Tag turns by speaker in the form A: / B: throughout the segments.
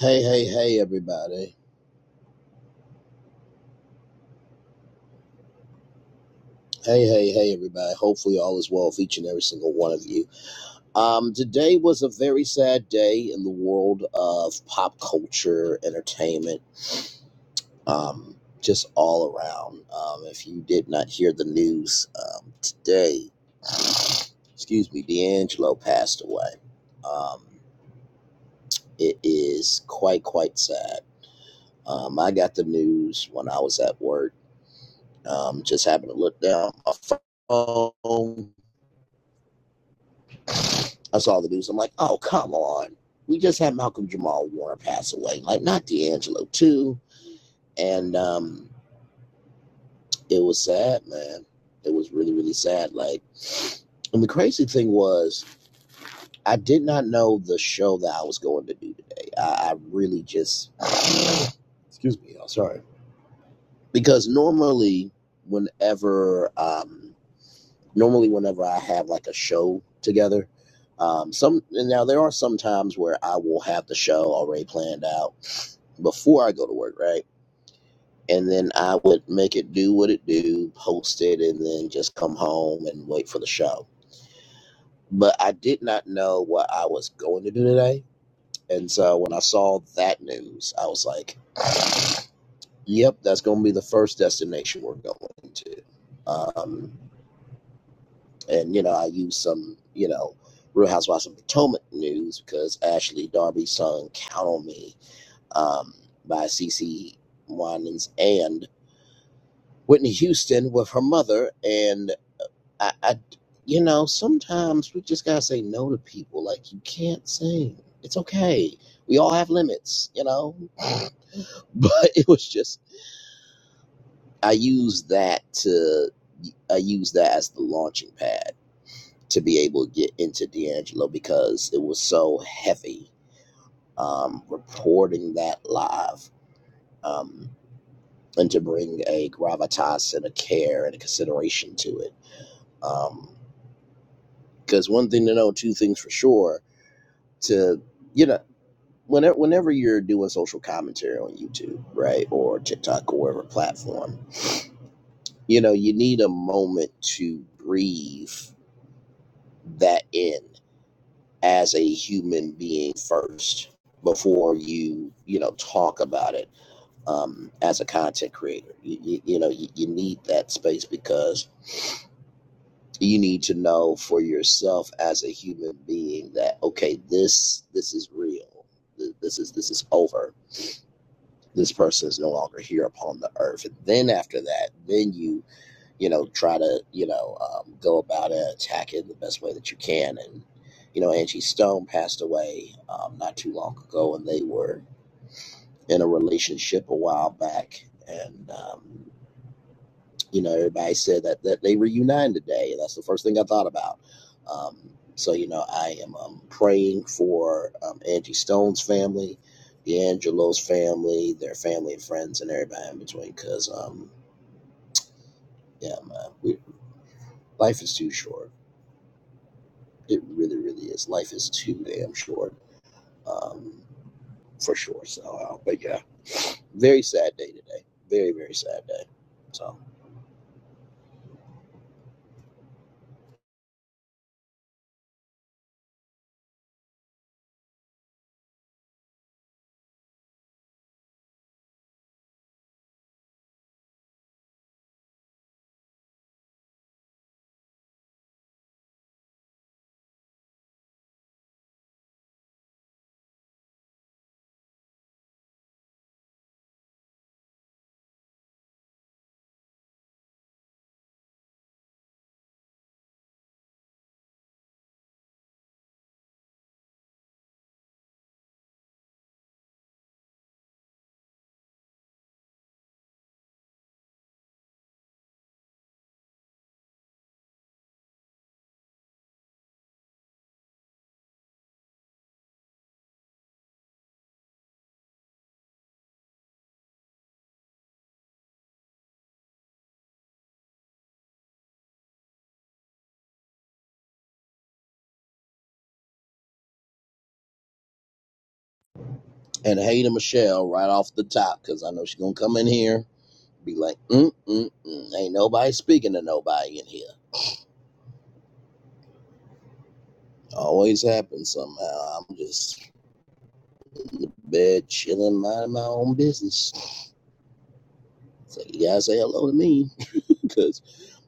A: Hey, hey, hey, everybody. Hey, hey, hey, everybody. Hopefully, all is well with each and every single one of you. Um, today was a very sad day in the world of pop culture, entertainment, um, just all around. Um, if you did not hear the news um, today, excuse me, D'Angelo passed away. Um, it is quite, quite sad. Um, I got the news when I was at work. Um, just happened to look down my phone I saw the news. I'm like, oh, come on. We just had Malcolm Jamal Warner pass away. Like, not D'Angelo, too. And um, it was sad, man. It was really, really sad. Like, and the crazy thing was, I did not know the show that I was going to do today. I, I really just, excuse me, y'all, sorry. Because normally, whenever, um, normally whenever I have like a show together, um, some and now there are some times where I will have the show already planned out before I go to work, right? And then I would make it do what it do, post it, and then just come home and wait for the show. But I did not know what I was going to do today. And so when I saw that news, I was like, yep, that's going to be the first destination we're going to. Um, and, you know, I used some, you know, Real Housewives of Potomac news because Ashley Darby's song Count on Me um, by CC Winans and Whitney Houston with her mother, and I, I you know, sometimes we just gotta say no to people. Like you can't sing. It's okay. We all have limits, you know. But it was just I used that to I used that as the launching pad to be able to get into D'Angelo because it was so heavy. Um, reporting that live, um, and to bring a gravitas and a care and a consideration to it. Um, Because one thing to know, two things for sure. To you know, whenever whenever you're doing social commentary on YouTube, right, or TikTok or whatever platform, you know, you need a moment to breathe that in as a human being first before you you know talk about it um, as a content creator. You, you, you know, you, you need that space because you need to know for yourself as a human being that okay this this is real Th- this is this is over this person is no longer here upon the earth and then after that then you you know try to you know um, go about it attack it the best way that you can and you know angie stone passed away um, not too long ago and they were in a relationship a while back and um, you know, everybody said that, that they reunite today. And that's the first thing I thought about. Um, so, you know, I am um, praying for um, Angie Stone's family, D'Angelo's family, their family and friends, and everybody in between. Because, um, yeah, man, we, life is too short. It really, really is. Life is too damn short, um, for sure. So, uh, but yeah, very sad day today. Very, very sad day. So, and Hayden Michelle right off the top, because I know she's going to come in here Be like, mm, mm, mm. ain't nobody speaking to nobody in here. Always happens somehow. I'm just bed chilling, minding my own business. So you gotta say hello to me, because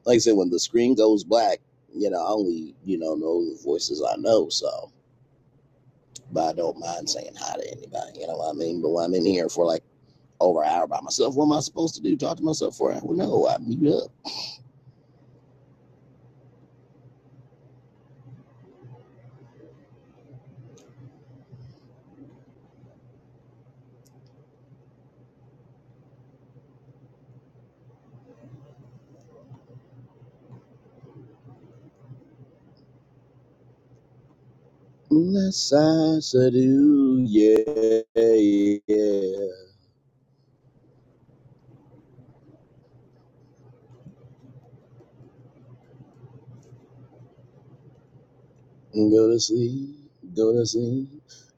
A: like I said, when the screen goes black, you know, I only, you know, know the voices I know, so but I don't mind saying hi to anybody, you know what I mean? But when I'm in here for like over an hour by myself, what am I supposed to do? Talk to myself for an hour? Well, No, I mute up. Unless I seduce, yeah, yeah. Go to sleep, go to sleep,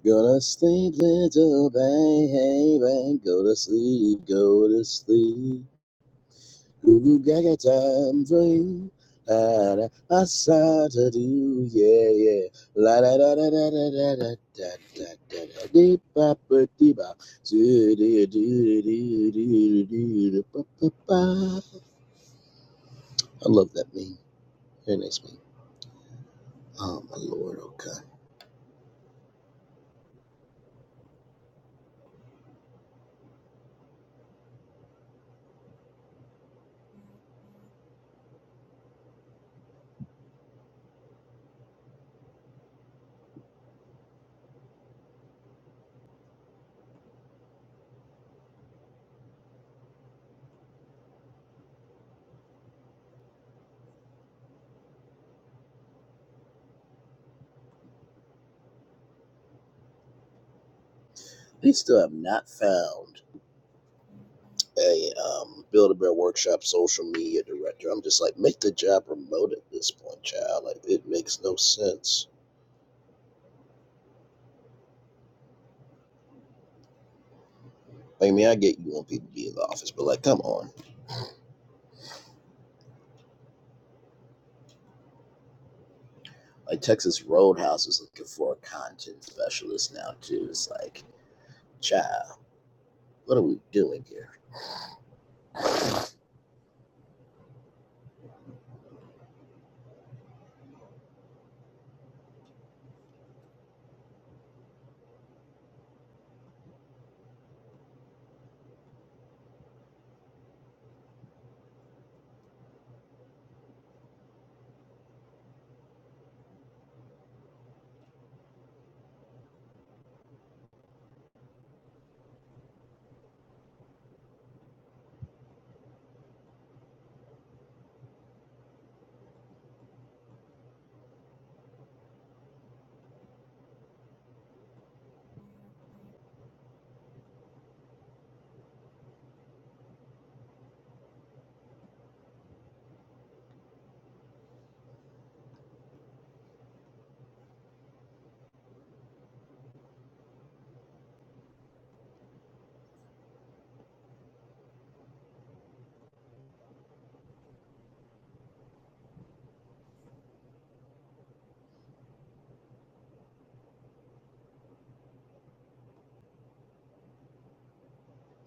A: go to sleep, little baby. Go to sleep, go to sleep. Goo gaga time for you. Ah, da, I saw to do, yeah, yeah. La da da da da da da da da da da da. Dee bop a dee bop. Doo doo doo doo doo doo doo doo. Ba ba ba. I love that meme. Very nice meme. Oh my lord, okay. They still have not found. a um, Build a Bear Workshop social media director. I'm just like, make the job remote at this point, child. Like, it makes no sense. Like, I mean, I get you want people to be in the office, but like, come on. Like, Texas Roadhouse is looking for a content specialist now, too. It's like, child, what are we doing here?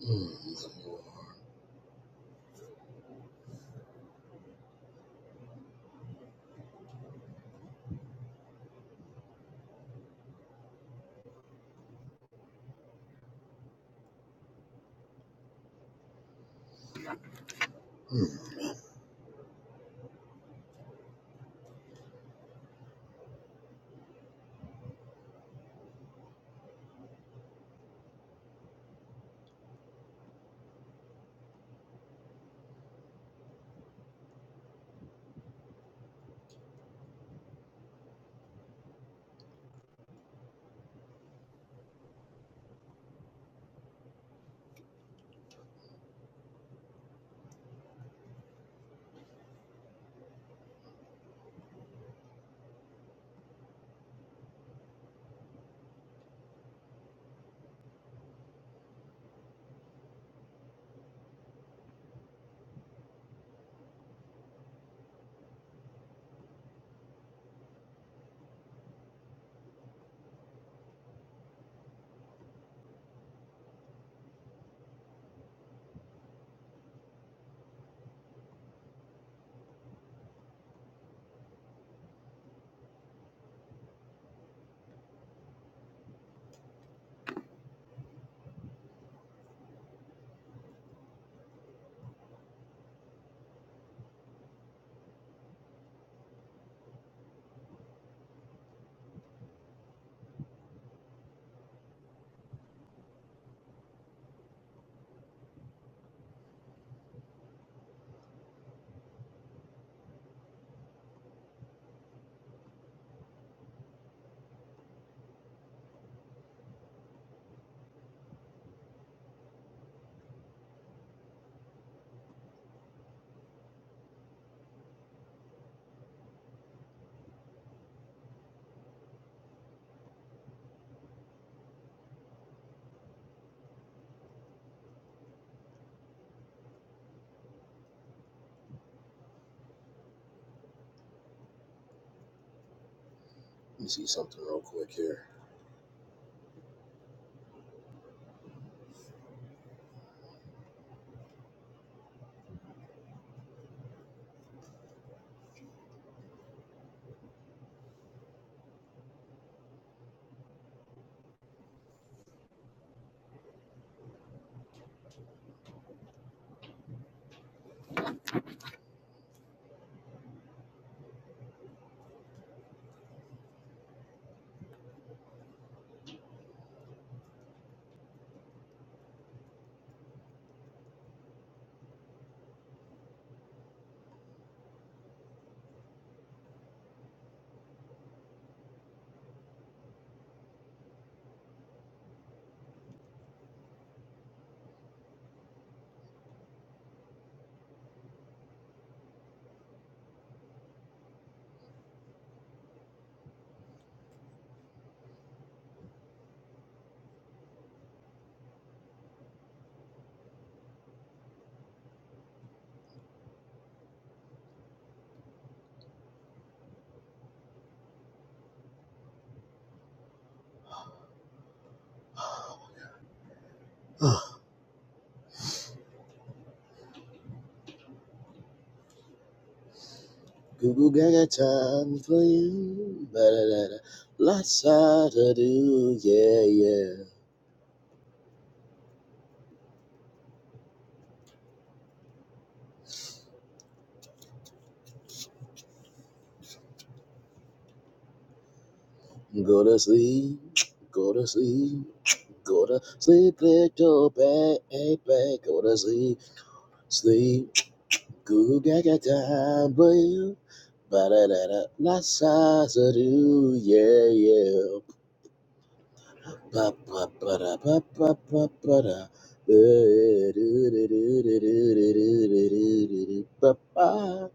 A: Mm, mm. Let me see something real quick here. Goo goo gaga time for you. Da, da, da, da. Lots to do, yeah, yeah. Go to sleep, go to sleep, go to sleep, little baby, go to sleep, sleep. Goo gaga time, boy. Ba da da da, la sa sa do, yeah yeah. Ba ba ba da ba ba ba ba da. Eh, do, do, do, do, do, do, do, do, do, do, do, ba, ba.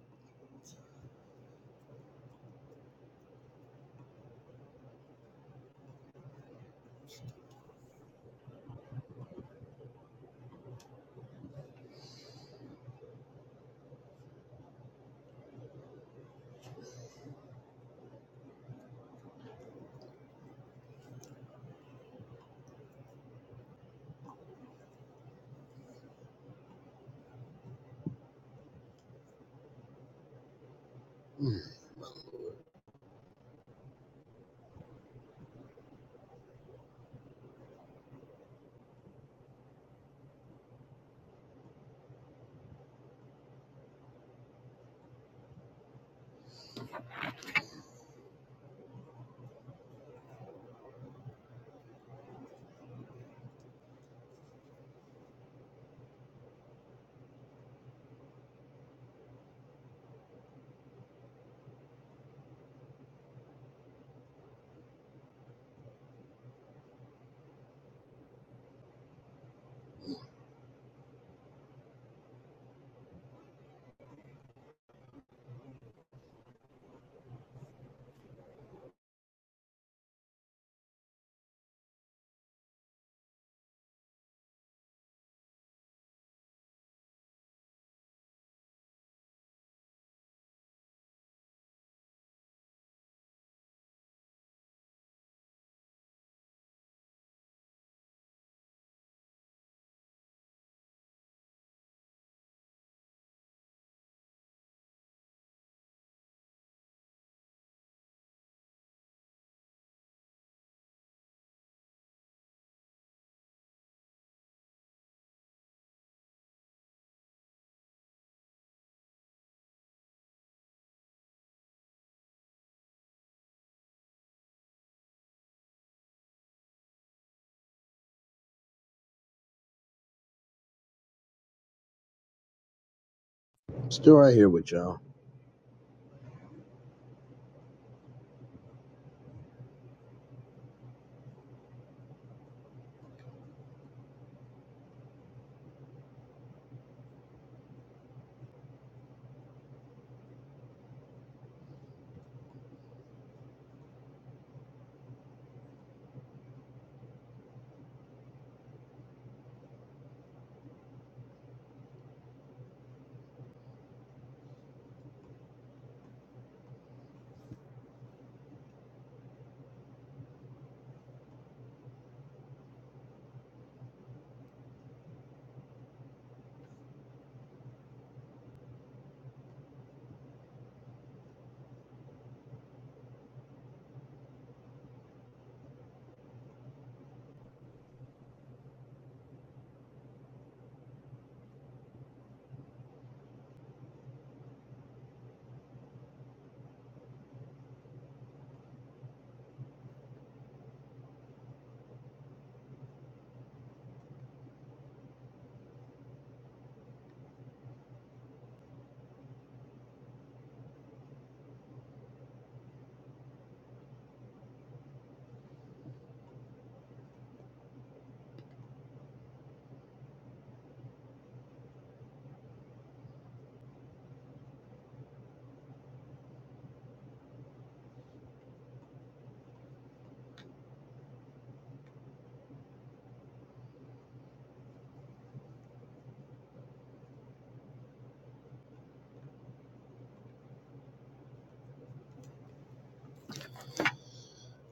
A: Still right here with y'all.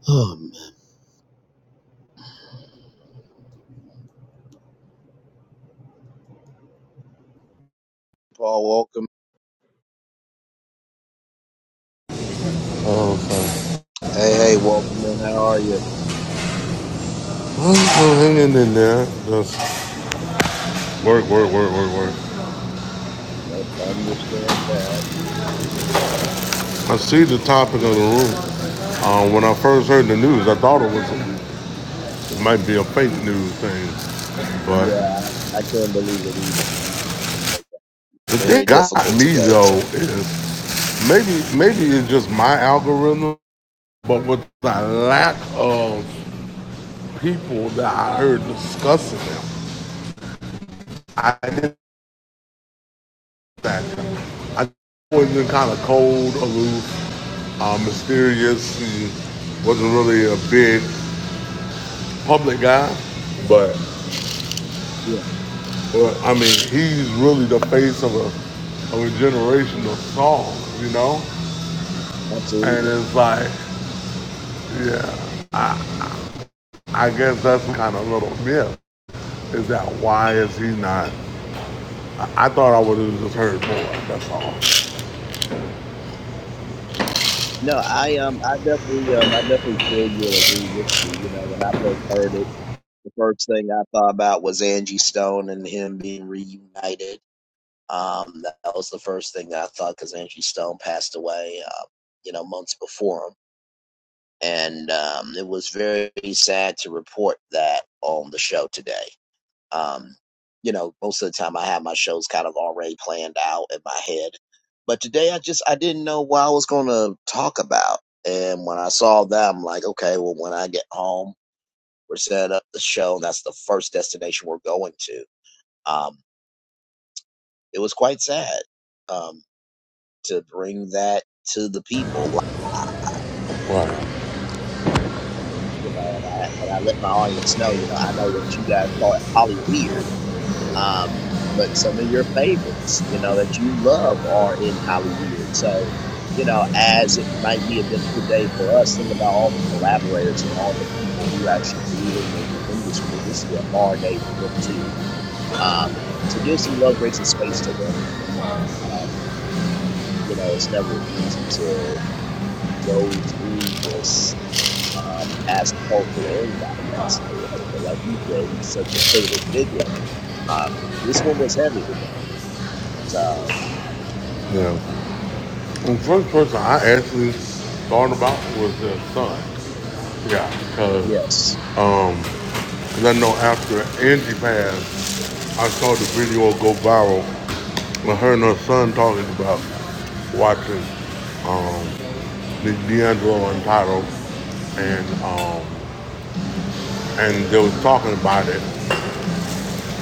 A: Oh man. Paul, welcome.
B: Okay.
A: Hey, hey, welcome in. How are you?
B: I'm still hanging in there. Just work, work, work, work, work.
A: I understand that.
B: I see the topic of the room. Um, when I first heard the news, I thought it was a, it might be a fake news thing. But
A: Yeah, I, I couldn't believe it either, man. Like,
B: the thing that
A: very
B: got
A: difficult
B: me
A: today
B: though
A: to
B: is maybe maybe it's just my algorithm, but with the lack of people that I heard discussing them, I. didn't that. I've always been kind of cold, aloof, uh, mysterious, and wasn't really a big public guy. But,
A: Yeah,
B: but I mean, he's really the face of a of a generation of song, you know. And
A: absolutely.
B: it's like, yeah, I guess that's kind of a little myth. Is that why is he not? I thought I would have just heard more. That's all.
A: No, I um I definitely um I definitely feel you and agree with you. You know, when I first heard it, the first thing I thought about was Angie Stone and him being reunited. Um, that was the first thing I thought because Angie Stone passed away, uh, you know, months before him, and um, it was very sad to report that on the show today. Um, you know, most of the time I have my shows kind of already planned out in my head. But today I just I didn't know what I was gonna talk about. And when I saw that I'm like, okay, well when I get home, we're setting up the show. That's the first destination we're going to. Um, it was quite sad um to bring that to the people.
B: Right.
A: Um, you know, and I and I let my audience know, you know, I know that you guys thought Holly weird Um, but some of your favorites, you know, that you love are in Hollyweird. So, you know, as it might be a difficult day for us, think about all the collaborators and all the people who actually move in the industry. This is a hard day for them too. Um, so give some love, grace, and space to them. Um, you know, it's never easy to go through this um, as a cultural anybody passed away. But like you said, he's such a pivotal figure. Um, this one was heavy today. So.
B: Yeah. The first person I actually thought about was their son. Yeah, because
A: Yes.
B: I know after Angie passed, I saw the video go viral when her and her son talking about watching the D'Angelo Untitled, and um, and they was talking about it,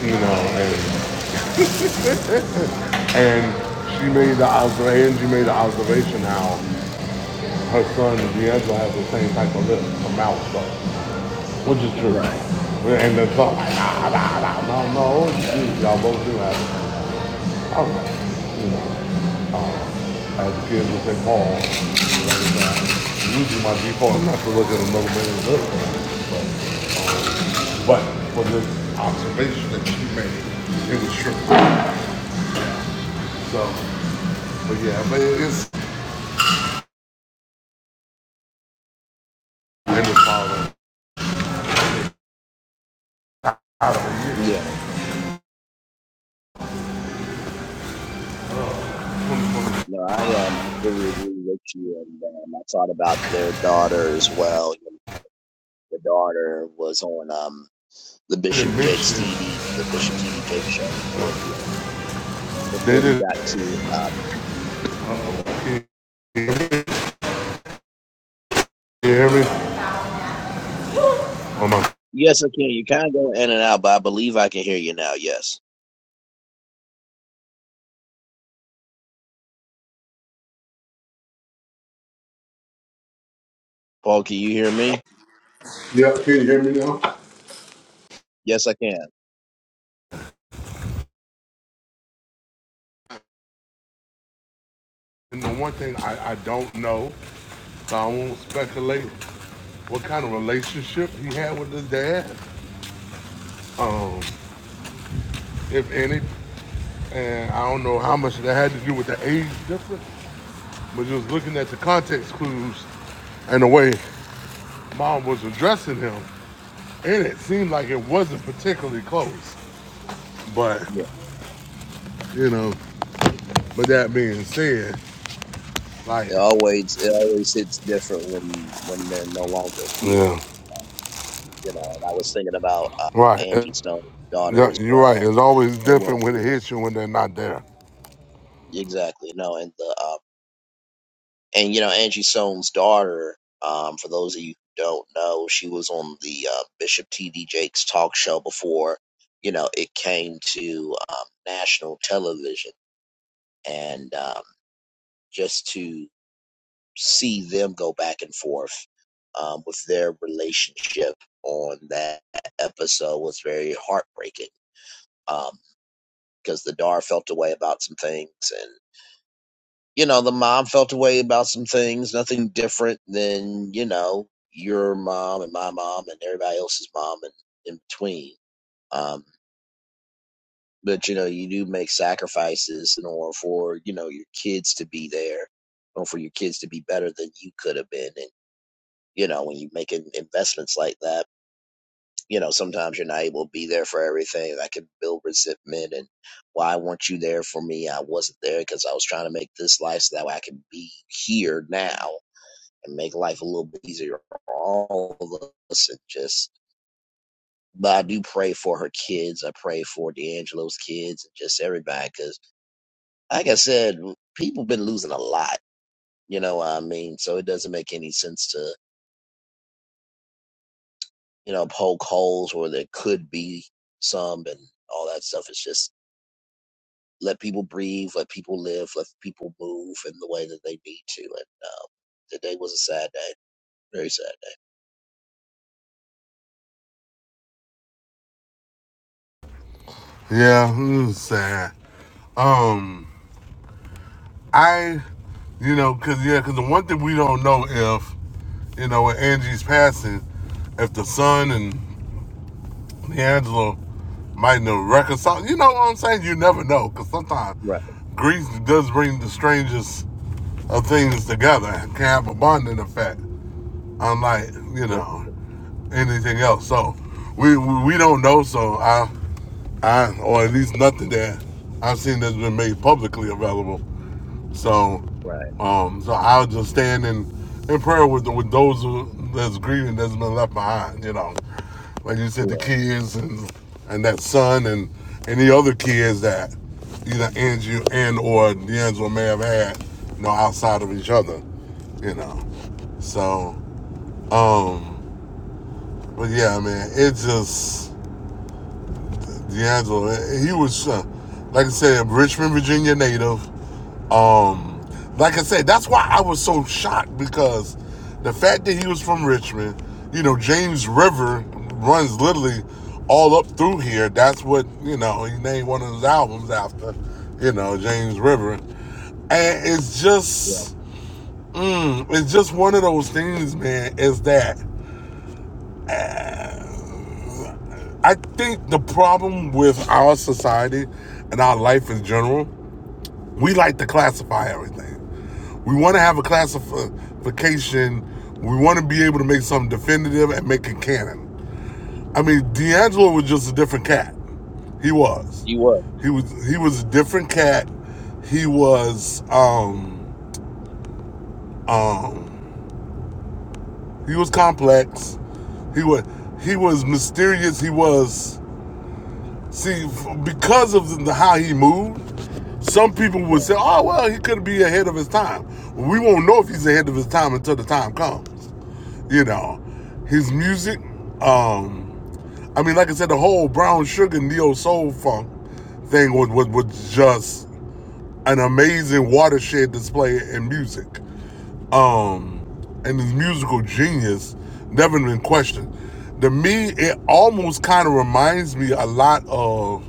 B: you know, and and she made the observation, Angie made the observation how her son and D'Angelo have the same type of lips, a mouth stuff, which is true.
A: Right.
B: And then so like, ah, nah, nah, nah. no, no, y'all both do have it. All right, you know, uh, I was good with that ball. Like, uh, Usually my default, I'm not gonna look at another man and look. But, um, but for this observation that you made, it was true. So, but yeah, but it is in the following out of the year.
A: Yeah. No, I um I fully agree with you and um, I thought about their daughter as well. The daughter was on um the
B: They didn't
A: Bishop Jake's
B: mention,
A: TD the Bishop TD Jake show before he uh,
B: they
A: before he got to um
B: didn't. Can you hear me? Oh my.
A: yes I can you kind of go in and out but I believe I can hear you now yes Paul can you hear me
B: Yeah, can you hear me now?
A: yes I can
B: And the one thing I, I don't know, so I won't speculate what kind of relationship he had with his dad, um, if any. And I don't know how much that had to do with the age difference, but just looking at the context clues and the way mom was addressing him, and it seemed like it wasn't particularly close. But,
A: yeah
B: you know, but that being said, like,
A: it always it always hits different when when they're no longer here
B: yeah,
A: um, you know and I was thinking about um
B: right.
A: Angie
B: Yeah,
A: Stone's daughter as
B: You're right.
A: well
B: It's always
A: They
B: different
A: won't
B: when it
A: do
B: hits you when they're not there.
A: that. Exactly. No, and the uh, and you know Angie Soane's daughter. Um, for those of you who don't know, she was on the uh, Bishop T.D. Jakes talk show before. You know, it came to um, national television, and um, just to see them go back and forth um, with their relationship on that episode was very heartbreaking. Um, because the daughter felt a way about some things, you know, the mom felt a way about some things, nothing different than, you know, your mom and my mom and everybody else's mom and in between. Um, but, you know, you do make sacrifices in order for, you know, your kids to be there or for your kids to be better than you could have been. And, you know, when you make investments like that, you know, sometimes you're not able to be there for everything. I can build resentment and why weren't you there for me? I wasn't there because I was trying to make this life so that way I can be here now and make life a little bit easier for all of us. And just, but I do pray for her kids. I pray for D'Angelo's kids and just everybody. Because, like I said, people been losing a lot. You know what I mean? So it doesn't make any sense to, you know, poke holes where there could be some and all that stuff. It's just let people breathe, let people live, let people move in the way that they need to. And um, today was a sad day, very sad day.
B: Yeah, mm, sad. Um, I, you know, cause yeah, cause the one thing we don't know if, you know, with Angie's passing, if the son and D'Angelo might know reconcile. You know what I'm saying? You never know, cause sometimes
A: Right.
B: grief does bring the strangest of things together and can have a bonding effect, unlike you
A: Yes.
B: know anything else. So we we, we don't know. So I. I, or at least nothing that I've seen that's been made publicly available. So,
A: Right.
B: um, so I'll just stand in, in prayer with with those who, that's grieving that's been left behind. You know, like you said, the
A: Correct.
B: kids and and that son and any other kids that either Andrew and or D'Angelo may have had, you know, outside of each other. You know, so, um, but yeah, man, it just D'Angelo, he was, uh, like I said, a Richmond, Virginia native. Um, like I said, that's why I was so shocked because the fact that he was from Richmond, you know, James River runs literally all up through here. That's what, you know, he named one of his albums after, you know, James River. And it's
A: Yeah.
B: just, mm, it's just one of those things, man, is that I think the problem with our society and our life in general we like to classify everything. We want to have a classification. We want to be able to make something definitive and make it canon. I mean, D'Angelo was just a different cat. He was.
A: You was.
B: He was. He was a different cat. He was. Um. Um. He was complex. He was. He was mysterious. He was. See, because of the, how he moved. Some people would say, oh, well, he could be ahead of his time. Well, We won't know if he's ahead of his time until the time comes. You know, his music, um, I mean, like I said, the whole brown sugar neo soul funk thing was, was, was just an amazing watershed display in music. Um, and his musical genius never been questioned. To me, it almost kind of reminds me a lot of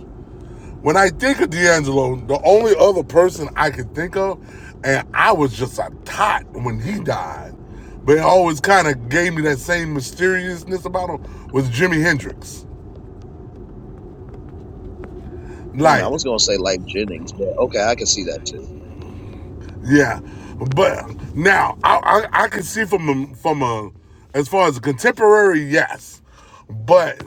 B: when I think of D'Angelo, the only other person I could think of, and I was just a tot when he died, but it always kind of gave me that same mysteriousness about him, was Jimi Hendrix.
A: Mm, I
B: Like,
A: was gonna say like Jennings, but okay, I can see that too.
B: yeah. But now, I, I, I can see from a, from a, as far as a contemporary, yes. But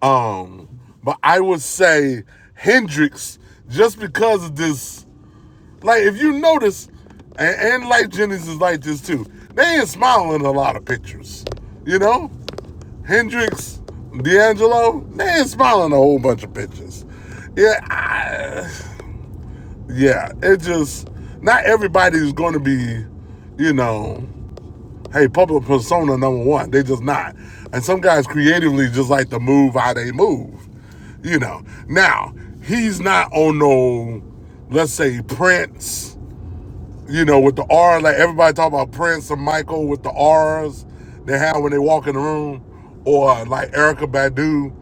B: um, but I would say Hendrix, just because of this Like if you notice, and, and like Jennings is like this too. They ain't smiling in a lot of pictures. You know, Hendrix, D'Angelo, they ain't smiling a whole bunch of pictures. Yeah, I, yeah. It just not everybody's going to be, you know, hey, public persona number one. They just not. And some guys creatively just like to move how they move. You know. Now he's not on no, let's say Prince you know, with the R, like everybody talk about Prince and Michael with the R's they have when they walk in the room, or like Erica Badu,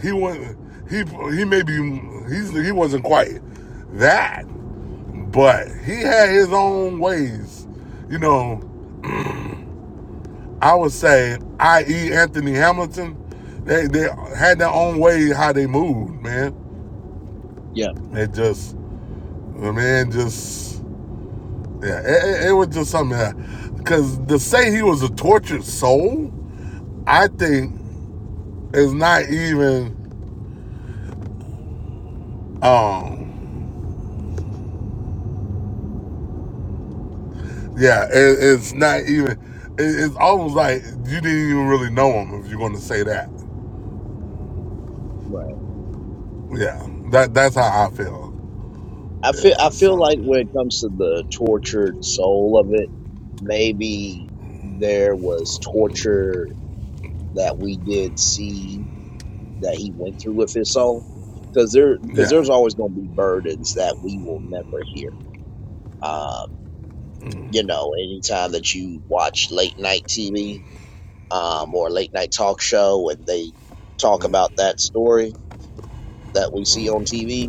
B: he wasn't, he he maybe he's he wasn't quite that, but he had
A: hmm
B: his own ways. You know, I would say, i.e. Anthony Hamilton, they they had their own way how they moved, man.
A: Yeah,
B: It just the man just Yeah, it, it, it was just something. Yeah. Cause to say he was a tortured soul, I think is not even. Um, yeah, it, it's not even. It, it's almost like you didn't even really know him if you're going to say that.
A: right.
B: Yeah, that that's how I feel.
A: I feel I
B: Yeah.
A: feel
B: So,
A: like when it comes to the tortured soul of it, maybe there was torture that we did see that he went through with his soul, because there because
B: yeah.
A: there's always gonna be burdens that we will never hear. Um, you know, anytime that you watch late night TV um, or late night talk show and they talk about that story that we see on TV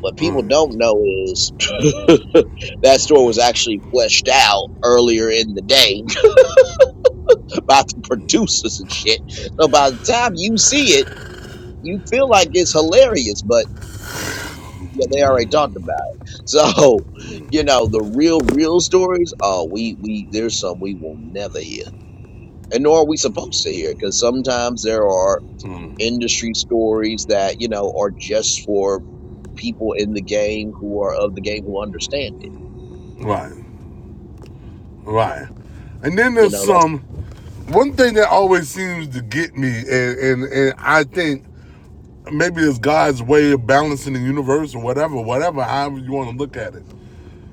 A: What people
B: Mm,
A: don't know is that story was actually fleshed out earlier in the day by the producers and shit. So by the time you see it, you feel like it's hilarious, but yeah, they already talked about it. So, you know, the real, real stories, oh, we, we, there's some we will never hear. And nor are we supposed to hear, because sometimes there are
B: mm,
A: industry stories that, you know, are just for people in the game who are of the game who understand it.
B: right. Right. And then
A: You
B: there's
A: know, that's
B: some. One thing that always seems to get me, and and, and I think maybe it's God's way of balancing the universe or whatever, whatever, however you want to look at it.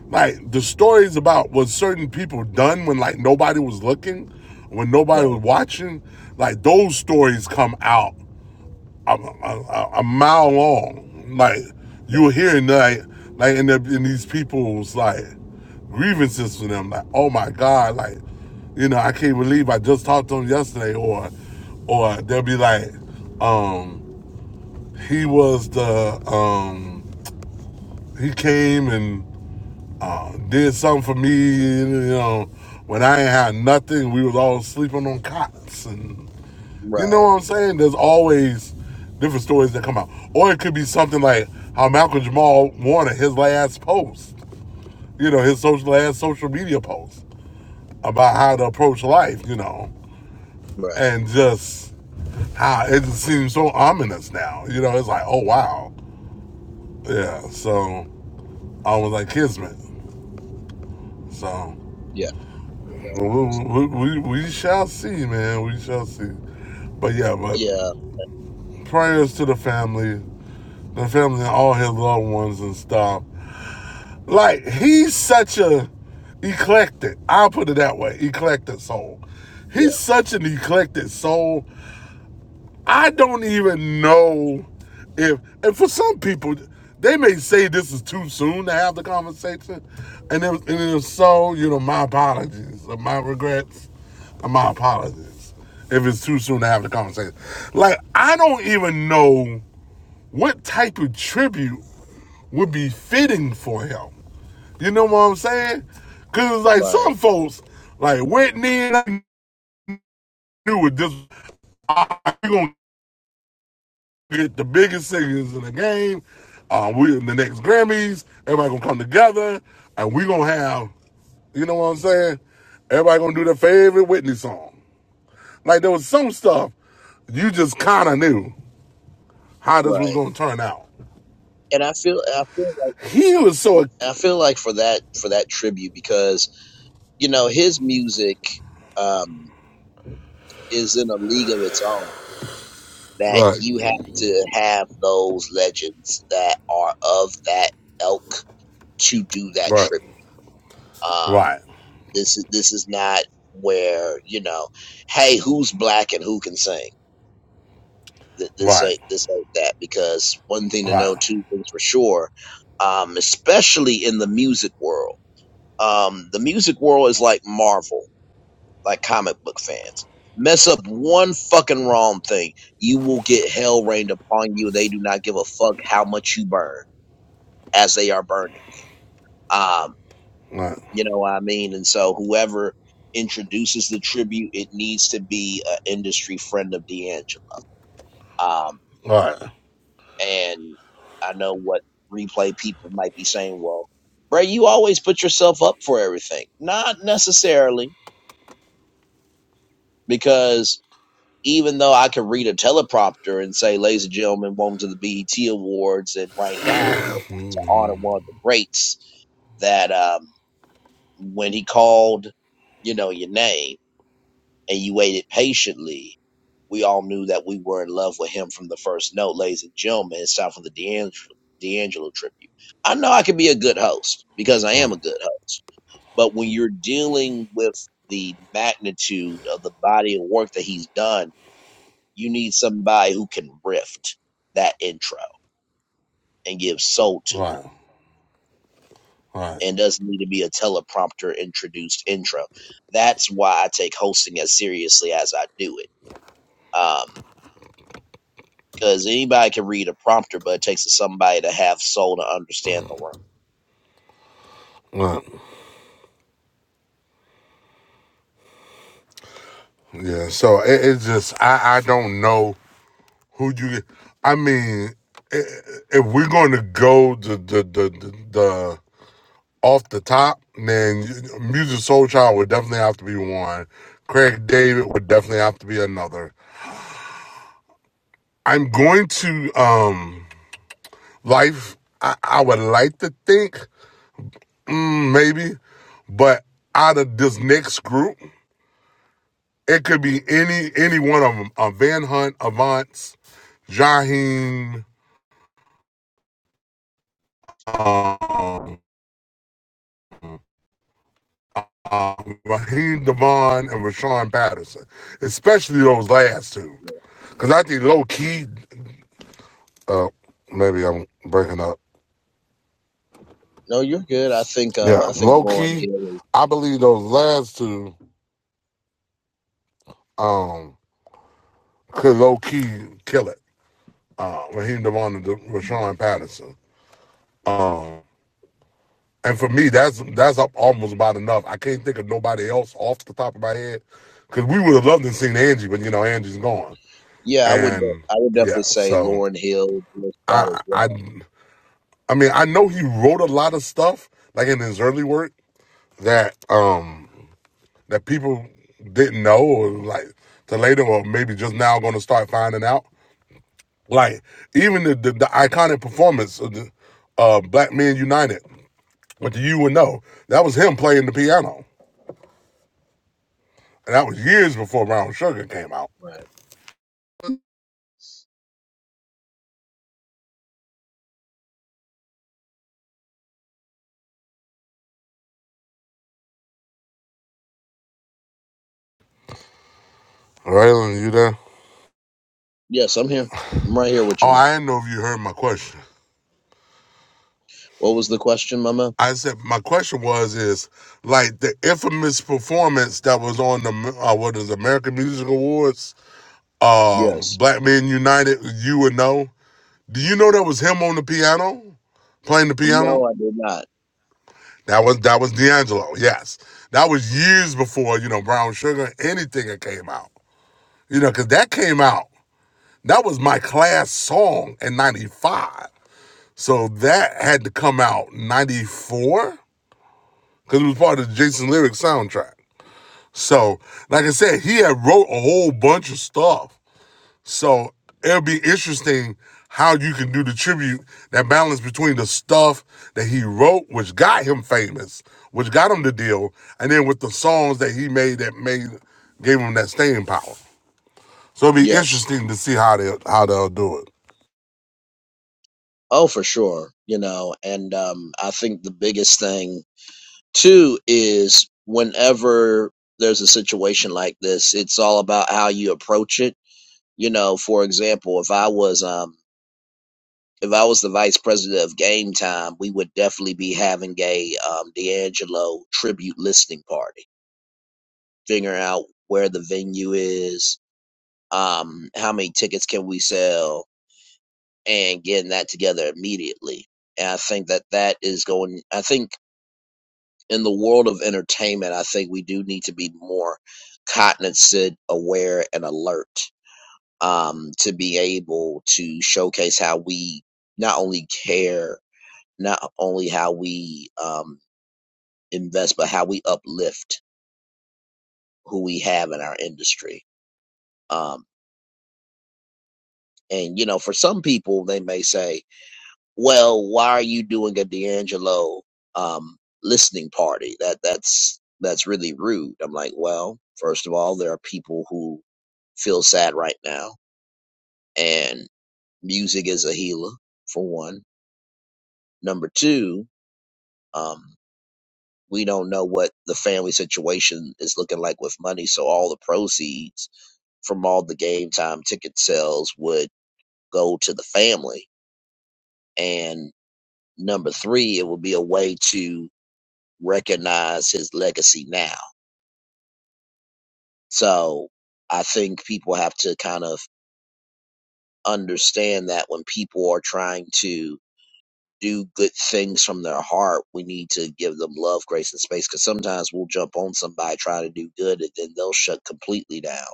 B: Like the stories about what certain people done when like nobody was looking, when nobody
A: right.
B: was watching, like those stories come out a, a, a- mile long. Like
A: No.
B: you're hearing like like in, the, in these people's like grievances for them, like oh my god, like you know I can't believe I just talked to them yesterday, or or they'll be like, um, he was the um he came and uh did something for me, you know, when I ain't had nothing, we was all sleeping on cots and you know what
A: Right,
B: I'm saying? There's always different stories that come out. Or it could be something like how Malcolm Jamal wanted his last post, you know, his social last social media post about how to approach life, you know,
A: right,
B: and just how it just seems so ominous now. You know, it's like, oh wow. Yeah, so I was like Kismet. So
A: yeah,
B: we, we, we shall see, man. We shall see. But yeah, but
A: yeah,
B: prayers to the family, the family and all his loved ones and stuff. Like he's such a eclectic. I'll put it that way, eclectic soul.
A: yeah,
B: He's such an eclectic soul. I don't even know if, and for some people, they may say this is too soon to have the conversation. And if, and if so, you know, my apologies, or my regrets, or my apologies if it's too soon to have the conversation. Like, I don't even know what type of tribute would be fitting for him. You know what I'm saying? Because, like,
A: right,
B: some folks, like Whitney, and I knew what this, like, we going to get the biggest singers in the game. Um, we in the next Grammys. Everybody gonna come together, and we gonna have, you know what I'm saying? Everybody gonna do their favorite Whitney song. Like there was some stuff you just kind of knew how this was
A: right.
B: gonna turn out.
A: And I feel, I feel like,
B: He was so right,
A: I feel like for that, for that tribute because you know his music um, is in a league of its own. That
B: right,
A: you have to have those legends that are of that elk to do that
B: right,
A: tribute. Um,
B: right,
A: this is this is not where you know, hey, who's black and who can sing? th- this
B: right,
A: ain't this ain't that because one thing to know, two
B: right,
A: things for sure, um, especially in the music world. Um, the music world is like Marvel, like comic book fans. Mess up one fucking wrong thing, you will get hell rained upon you. They do not give a fuck how much you burn as they are burning you. Um, you know what I mean? And so whoever introduces the tribute, it needs to be an industry friend of D'Angelo. Um,
B: right,
A: And I know what replay people might be saying, well, Bray, you always put yourself up for everything. Not necessarily, because even though I could read a teleprompter and say, ladies and gentlemen, welcome to the BET Awards, and right now we are about to honor one of the greats that um, when he called, you know, your name and you waited patiently, we all knew that we were in love with him from the first note, ladies and gentlemen. It's time for the D'Angelo, D'Angelo tribute. I know I can be a good host because I am a good host, but when you're dealing with the magnitude of the body of work that he's done, you need somebody who can rift that intro and give soul to
B: right,
A: it
B: right,
A: and doesn't need to be a teleprompter introduced intro. That's why I take hosting as seriously as I do it. Um, because anybody can read a prompter, but it takes somebody to have soul to understand the room.
B: right. Yeah. So it, it's just I I don't know Who you? I mean, i- if we're going to go the the the the, the off the top, then Music Soul Child would definitely have to be one. Craig David would definitely have to be another. I'm going to um life. I, I would like to think mm, maybe, but out of this next group, it could be any any one of them. Uh, Van Hunt, Avance, Jaheen, um, Raheem Devon and Rashawn Patterson, especially those last two.
A: Yeah.
B: Because I think low key, uh, maybe I'm breaking up.
A: No, you're good. I think um
B: Yeah,
A: I think
B: low
A: Lauren
B: key,
A: Hill.
B: I believe those last two um, could low key kill it. Uh, Raheem Devon and De-
A: Is,
B: Rashawn Patterson. Um, and for me, that's that's up almost about enough. I can't think of nobody else off the top of my head because we would have loved to have seen Angie, but you know Angie's gone.
A: yeah, I would de-
B: And
A: I would
B: yeah,
A: definitely say
B: so
A: Lauren Hill, Jill Scott
B: I
A: as
B: I
A: well.
B: I mean, I know he wrote a lot of stuff, like in his early work, that um that people didn't know or like to later or maybe just now gonna start finding out. Like even the the, the iconic performance of the uh Black Men United, which you would know, that was him playing the piano. And that was years before Brown Sugar came out.
A: Right.
B: Raylan, you there?
A: Yes, I'm here. I'm right here with
B: Oh,
A: you, man.
B: I didn't know if you heard my question.
A: What was the question, Mama?
B: I said my question was is like the infamous performance that was on the uh, what is it, American Music Awards, uh,
A: Yes.
B: Black Men United. You would know. Do you know that was him on the piano, playing the piano?
A: No, I did not.
B: That was that was D'Angelo. Yes, that was years before you know Brown Sugar anything that came out. You know, because that came out. That was my class song in '95. So that had to come out '94 because it was part of the Jason Lyric soundtrack. So, like I said, he had wrote a whole bunch of stuff. So it'll be interesting how you can do the tribute, that balance between the stuff that he wrote, which got him famous, which got him the deal, and then with the songs that he made that made gave him that staying power. So it'll be
A: Yes.
B: interesting to see how they how they'll do it.
A: Oh, for sure. You know, and um I think the biggest thing too is whenever there's a situation like this, it's all about how you approach it You know, for example, if I was um if I was the vice president of Game Time, we would definitely be having a um D'Angelo tribute listening party, figuring out where the venue is, um, how many tickets can we sell, and getting that together immediately. And I think that that is going. I think in the world of entertainment, I think we do need to be more cognizant, aware, and alert um, to be able to showcase how we not only care, not only how we um, invest, but how we uplift who we have in our industry. Um, and, you know, for some people, they may say, well, why are you doing a D'Angelo um, listening party? That That's that's really rude. I'm like, well, first of all, there are people who feel sad right now, and music is a healer, for one. Number two, Um, we don't know what the family situation is looking like with money, so all the proceeds from all the game time ticket sales would go to the family. And number three, it would be a way to recognize his legacy now. So I think people have to kind of understand that when people are trying to do good things from their heart, we need to give them love, grace, and space. Because sometimes we'll jump on somebody trying to do good, and then they'll shut completely down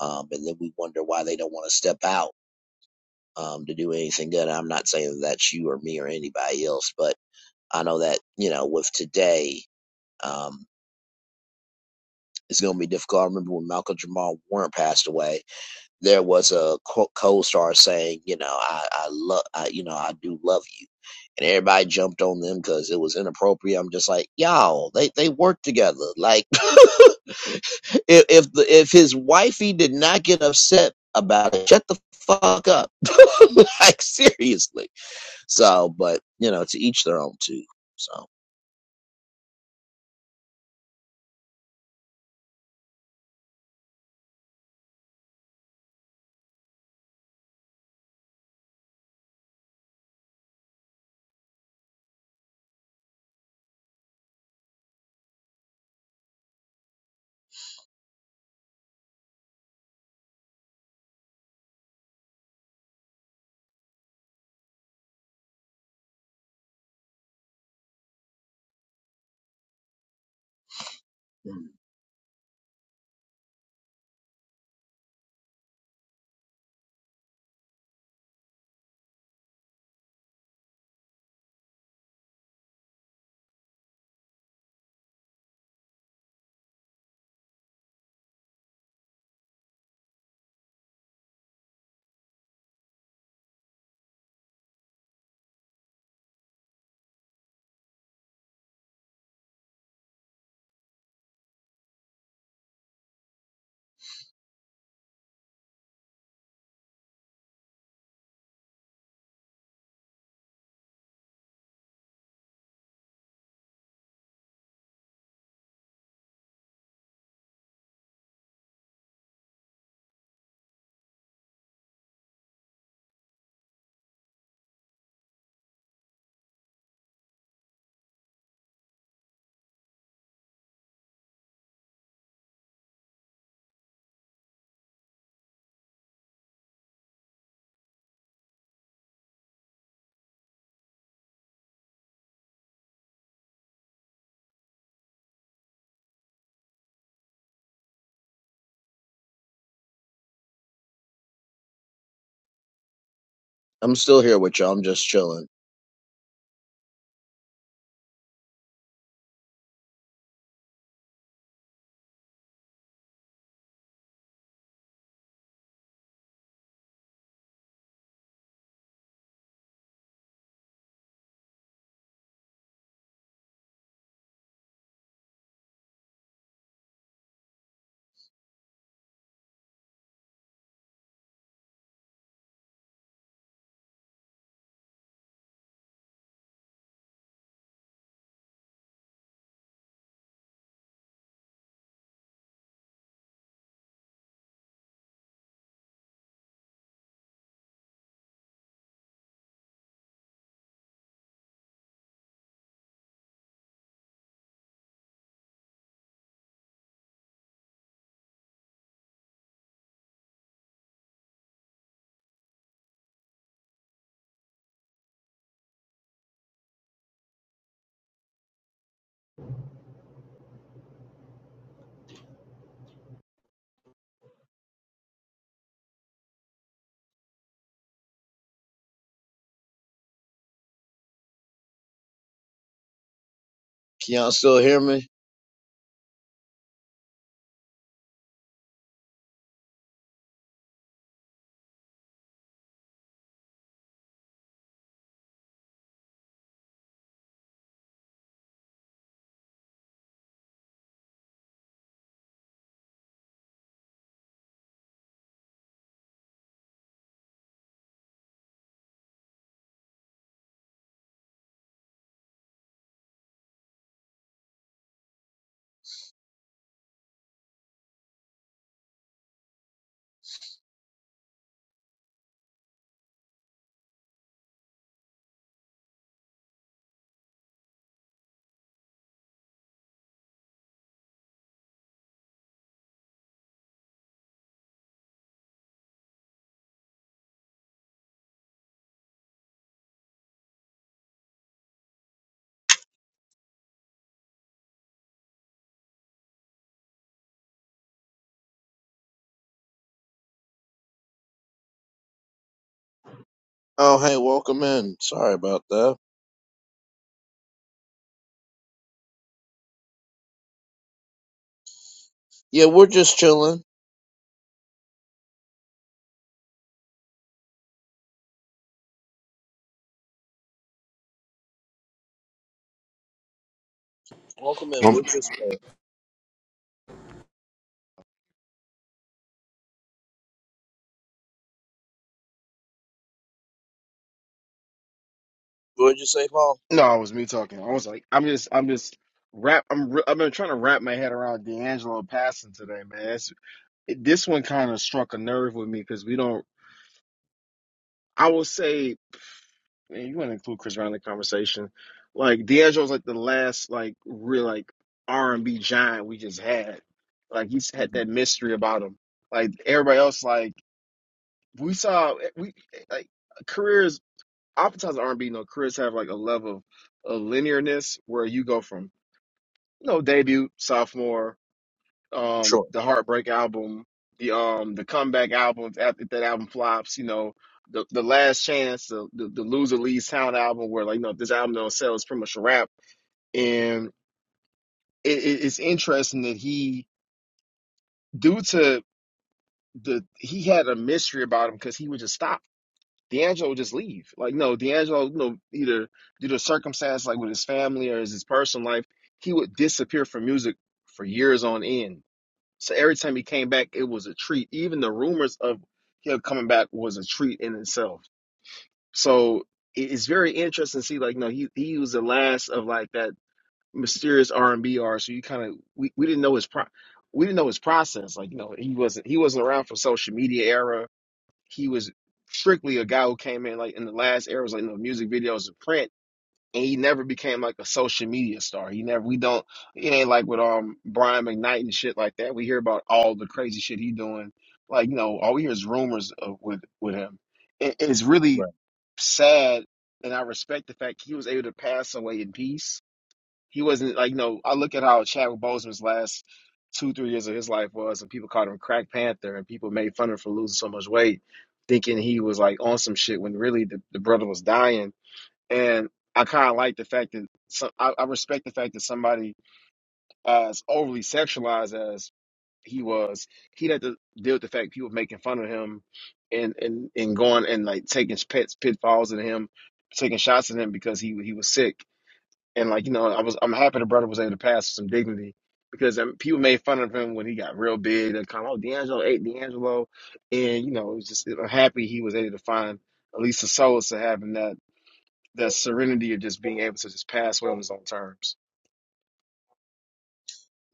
A: um, and then we wonder why they don't want to step out um, to do anything good. And I'm not saying that that's you or me or anybody else, but I know that you know with today, um, it's going to be difficult. I remember when Malcolm Jamal Warren passed away. there was a co- star saying, you know, I, I love, I, you know, I do love you. And everybody jumped on them because it was inappropriate. I'm just like, y'all, they, they work together. Like, if if, the, if his wifey did not get upset about it, shut the fuck up. like, seriously. So, but, you know, to each their own, too. So, mm. I'm still here with y'all. I'm just chilling. Can y'all still hear me? Oh, hey, welcome in. Sorry about that. Yeah, we're just chilling Welcome in. we're
B: Um,
A: just uh, what did you say, Paul?
C: No, it was me talking. I was like, I'm just, I'm just wrap. I'm, re- I've been trying to wrap my head around D'Angelo passing today, man. It's, it, this one kind of struck a nerve with me because we don't. I will say, man, you want to include Chris Brown in the conversation? Like D'Angelo's like the last like real like R and B giant we just had. Like he's had
A: hmm
C: that mystery about him. Like everybody else, like we saw, we like careers. Oftentimes R and B, no careers have like a level of linearness where you go from you know, debut, sophomore, um,
A: Sure.
C: the Heartbreak album, the um, the comeback albums after if that album flops, you know, the the Last Chance, the the, the Loser Leaves Town album, where like you know if this album don't sell, it's pretty much a wrap. And it, it, it's interesting that he, due to the he had a mystery about him because he would just stop. D'Angelo would just leave. Like no, D'Angelo, you know, either due to circumstance, like with his family or his, his personal life, he would disappear from music for years on end So every time he came back, it was a treat. Even the rumors of him coming back was a treat in itself. So it- it's very interesting to see. Like, no, he he was the last of like that mysterious R and B artist. So you kind of we, we didn't know his pro we didn't know his process. Like, you know, he wasn't he wasn't around for social media era. He was strictly a guy who came in like in the last era was like no music videos and print and he never became like a social media star. He never, we don't, it ain't like with um Brian McKnight and shit like that. We hear about all the crazy shit he doing. Like, you know, all we hear is rumors of, with with him. It, it's really
A: Right.
C: sad, and I respect the fact he was able to pass away in peace. He wasn't like, you know, I look at how Chadwick Boseman's last two, three years of his life was, and people called him Crack Panther, and people made fun of him for losing so much weight, thinking he was like on some shit when really the, the brother was dying and I kind of like the fact that some I, I respect the fact that somebody as overly sexualized as he was, he had to deal with the fact people making fun of him and and and going and like taking pits pitfalls at him, taking shots at him because he he was sick and like you know I was I'm happy the brother was able to pass some dignity. Because um, people made fun of him when he got real big. They called him, oh, D'Angelo ate D'Angelo. And, you know, it was just, I'm happy he was able to find at least the solace of having that the serenity of just being able to just pass well on his own terms.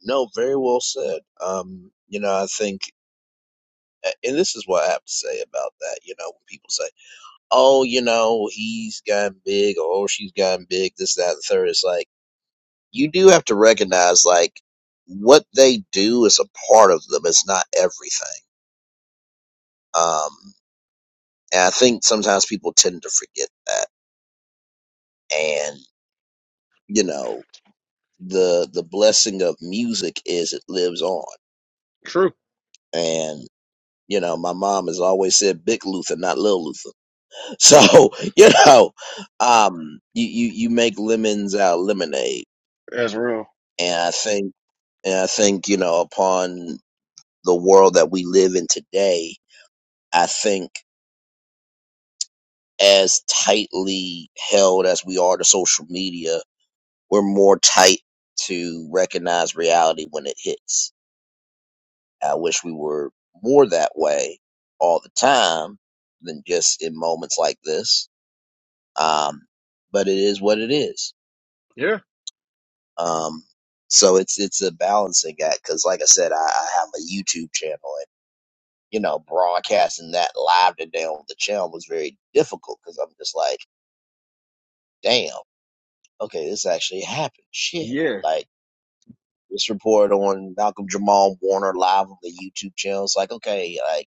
A: No, very well said. Um, you know, I think, and this is what I have to say about that. You know, when people say, "Oh, you know, he's gotten big," or "Oh, she's gotten big," this, that, and third. It's like you do have to recognize, like, what they do is a part of them. It's not everything. Um, and I think sometimes people tend to forget that. And you know, the the blessing of music is it lives on
C: True.
A: and you know my mom has always said big luther not little luther so you know um you you, you make lemons out of lemonade
C: That's real.
A: and i think and i think you know upon the world that we live in today i think as tightly held as we are to social media we're more tight to recognize reality when it hits i wish we were more that way all the time than just in moments like this Um, but it is what it is.
C: Yeah.
A: Um, so it's it's a balancing act because, like I said, I, I have a YouTube channel, and you know, broadcasting that live today on the channel was very difficult because I'm just like, damn, okay, this actually happened. Shit,
C: Yeah,
A: like this report on Malcolm Jamal Warner live on the YouTube channel. It's like, okay, like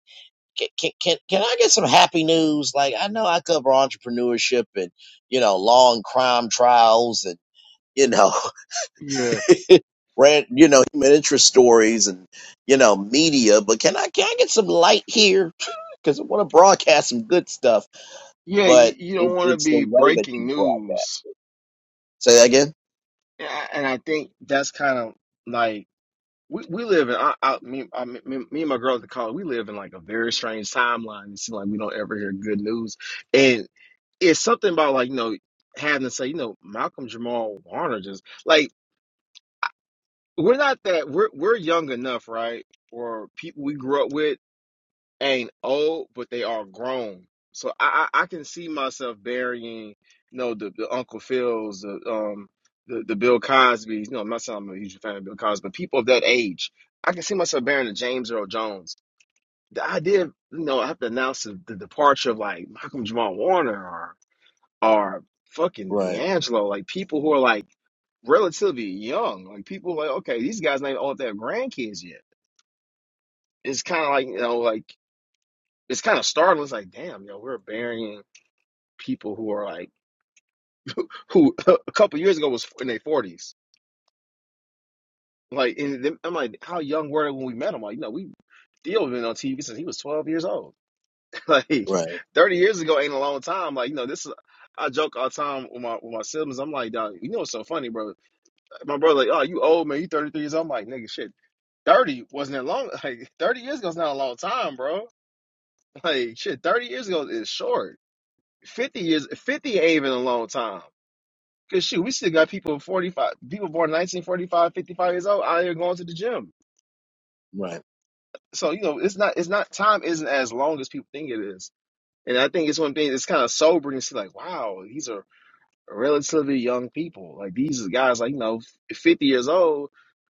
A: can can can, can I get some happy news? Like I know I cover entrepreneurship and you know long crime trials and you know
C: yeah,
A: Ran, you know, human interest stories and you know media. But can I can I get some light here? Because I want to broadcast some good stuff.
C: yeah.
A: But
C: You, you
A: it,
C: don't want to
A: it's the
C: be
A: way that
C: breaking
A: you broadcast
C: news,
A: it. Say that again.
C: and I, and I think that's kind of like we, we live in. I, I, me, I me, me and my girl at the college, we live in like a very strange timeline. It seems like we don't ever hear good news, and it's something about like you know having to say you know Malcolm Jamal Warner just like we're not that we're we're young enough, right? Or people we grew up with ain't old, but they are grown. So I I, I can see myself burying, you know, the, the Uncle Phils, the um the, the Bill Cosby's. You know, I'm not saying I'm a huge fan of Bill Cosby, but people of that age, I can see myself burying the James Earl Jones. The idea, of, you know, I have to announce the, the departure of like Malcolm Jamal Warner or or fucking
A: Right,
C: D'Angelo, like people who are like relatively young, like people like okay, these guys ain't all their grandkids yet. It's kind of like you know, like it's kind of startling. It's like, damn, yo, we're burying people who are like who a couple years ago was in their forties. Like, and then- I'm like, how young were they when we met them? Like, you know, we deal with him on TV since he was 12 years old. like,
A: right,
C: 30 years ago ain't a long time. Like, you know, this is. I joke all the time with my with my siblings. I'm like, dog, you know what's so funny, bro? My brother, like, oh, you old man, you 33 years old. I'm like, nigga, shit, 30 wasn't that long. Like, 30 years ago's not a long time, bro. Like, shit, 30 years ago is short. 50 years, 50 ain't even a long time. Cause shoot, we still got people 45, people born 19 45, 55 years old out here going to the gym.
A: right,
C: So, you know, it's not, it's not, time isn't as long as people think it is. And I think it's one thing that's kind of sobering to see like, wow, these are relatively young people. Like these are guys like, you know, 50 years old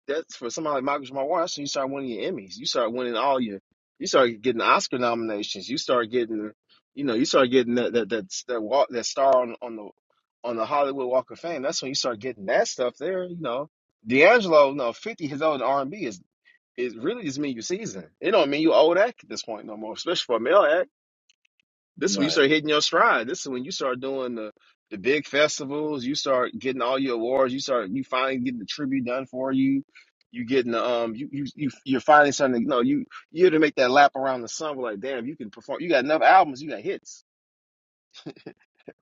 C: that's for somebody like Michael Jamal Watson, you start winning your Emmys. You start winning all your, you start getting Oscar nominations. You start getting, you know, you start getting that that that that, walk, that star on on the on the Hollywood Walk of Fame. That's when you start getting that stuff there. You know, D'Angelo, no, fifty his old R and B is is really just mean you seasoned. It don't mean you old act at this point no more, especially for a male act. This is when you
A: right,
C: start hitting your stride. This is when you start doing the the big festivals. You start getting all your awards. You start you finally getting the tribute done for you. You getting the um you you you you're finally starting to no you you to make that lap around the sun. We're like damn, you can perform. You got enough albums. You got hits.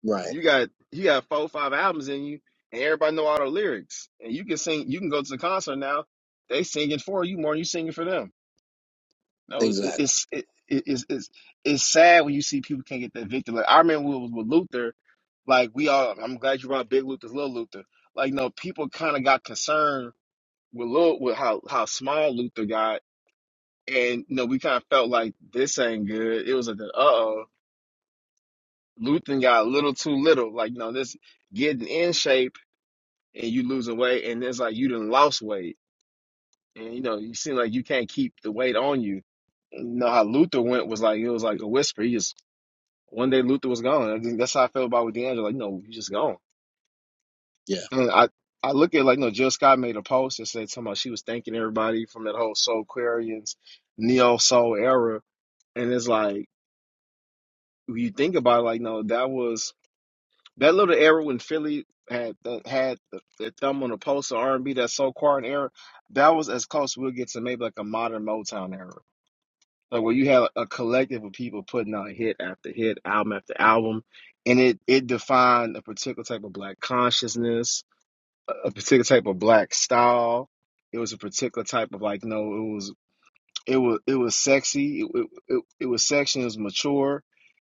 A: right.
C: You got you got four five albums in you, and everybody know all the lyrics. And you can sing. You can go to the concert now. They singing for you more than you singing for them. No,
A: Exactly.
C: it's it, it, it's it's it's sad when you see people can't get that victory. Like I remember when it was with Luther Like we all, I'm glad you brought Big Luther's Little Luther. Like, no, people kind of got concerned with little with how how small Luther got, and you know, we kind of felt like this ain't good. It was like, uh oh, Luther got a little too little. Like, you know, this getting in shape and you losing weight, and it's like you done lost weight, and you know, you seem like you can't keep the weight on you. You know how Luther went was like it was like a whisper. He just one day Luther was gone. I think that's how I felt about with D'Angelo. Like, you know, he's just gone.
A: Yeah.
C: And I, I look at like, no, Jill Scott made a post and said something about she was thanking everybody from that whole Soul Quarians, Neo Soul era. And it's like, when you think about it, like, no, that was that little era when Philly had the, had the, the thumb on the pulse of R&B, that Soul Quarian era, that was as close we'll get to maybe like a modern Motown era. Like where you had a collective of people putting out hit after hit, album after album, and it it defined a particular type of black consciousness a particular type of black style. It was a particular type of like, no, it was it was it was sexy. It it, it, it was sexy. It was mature.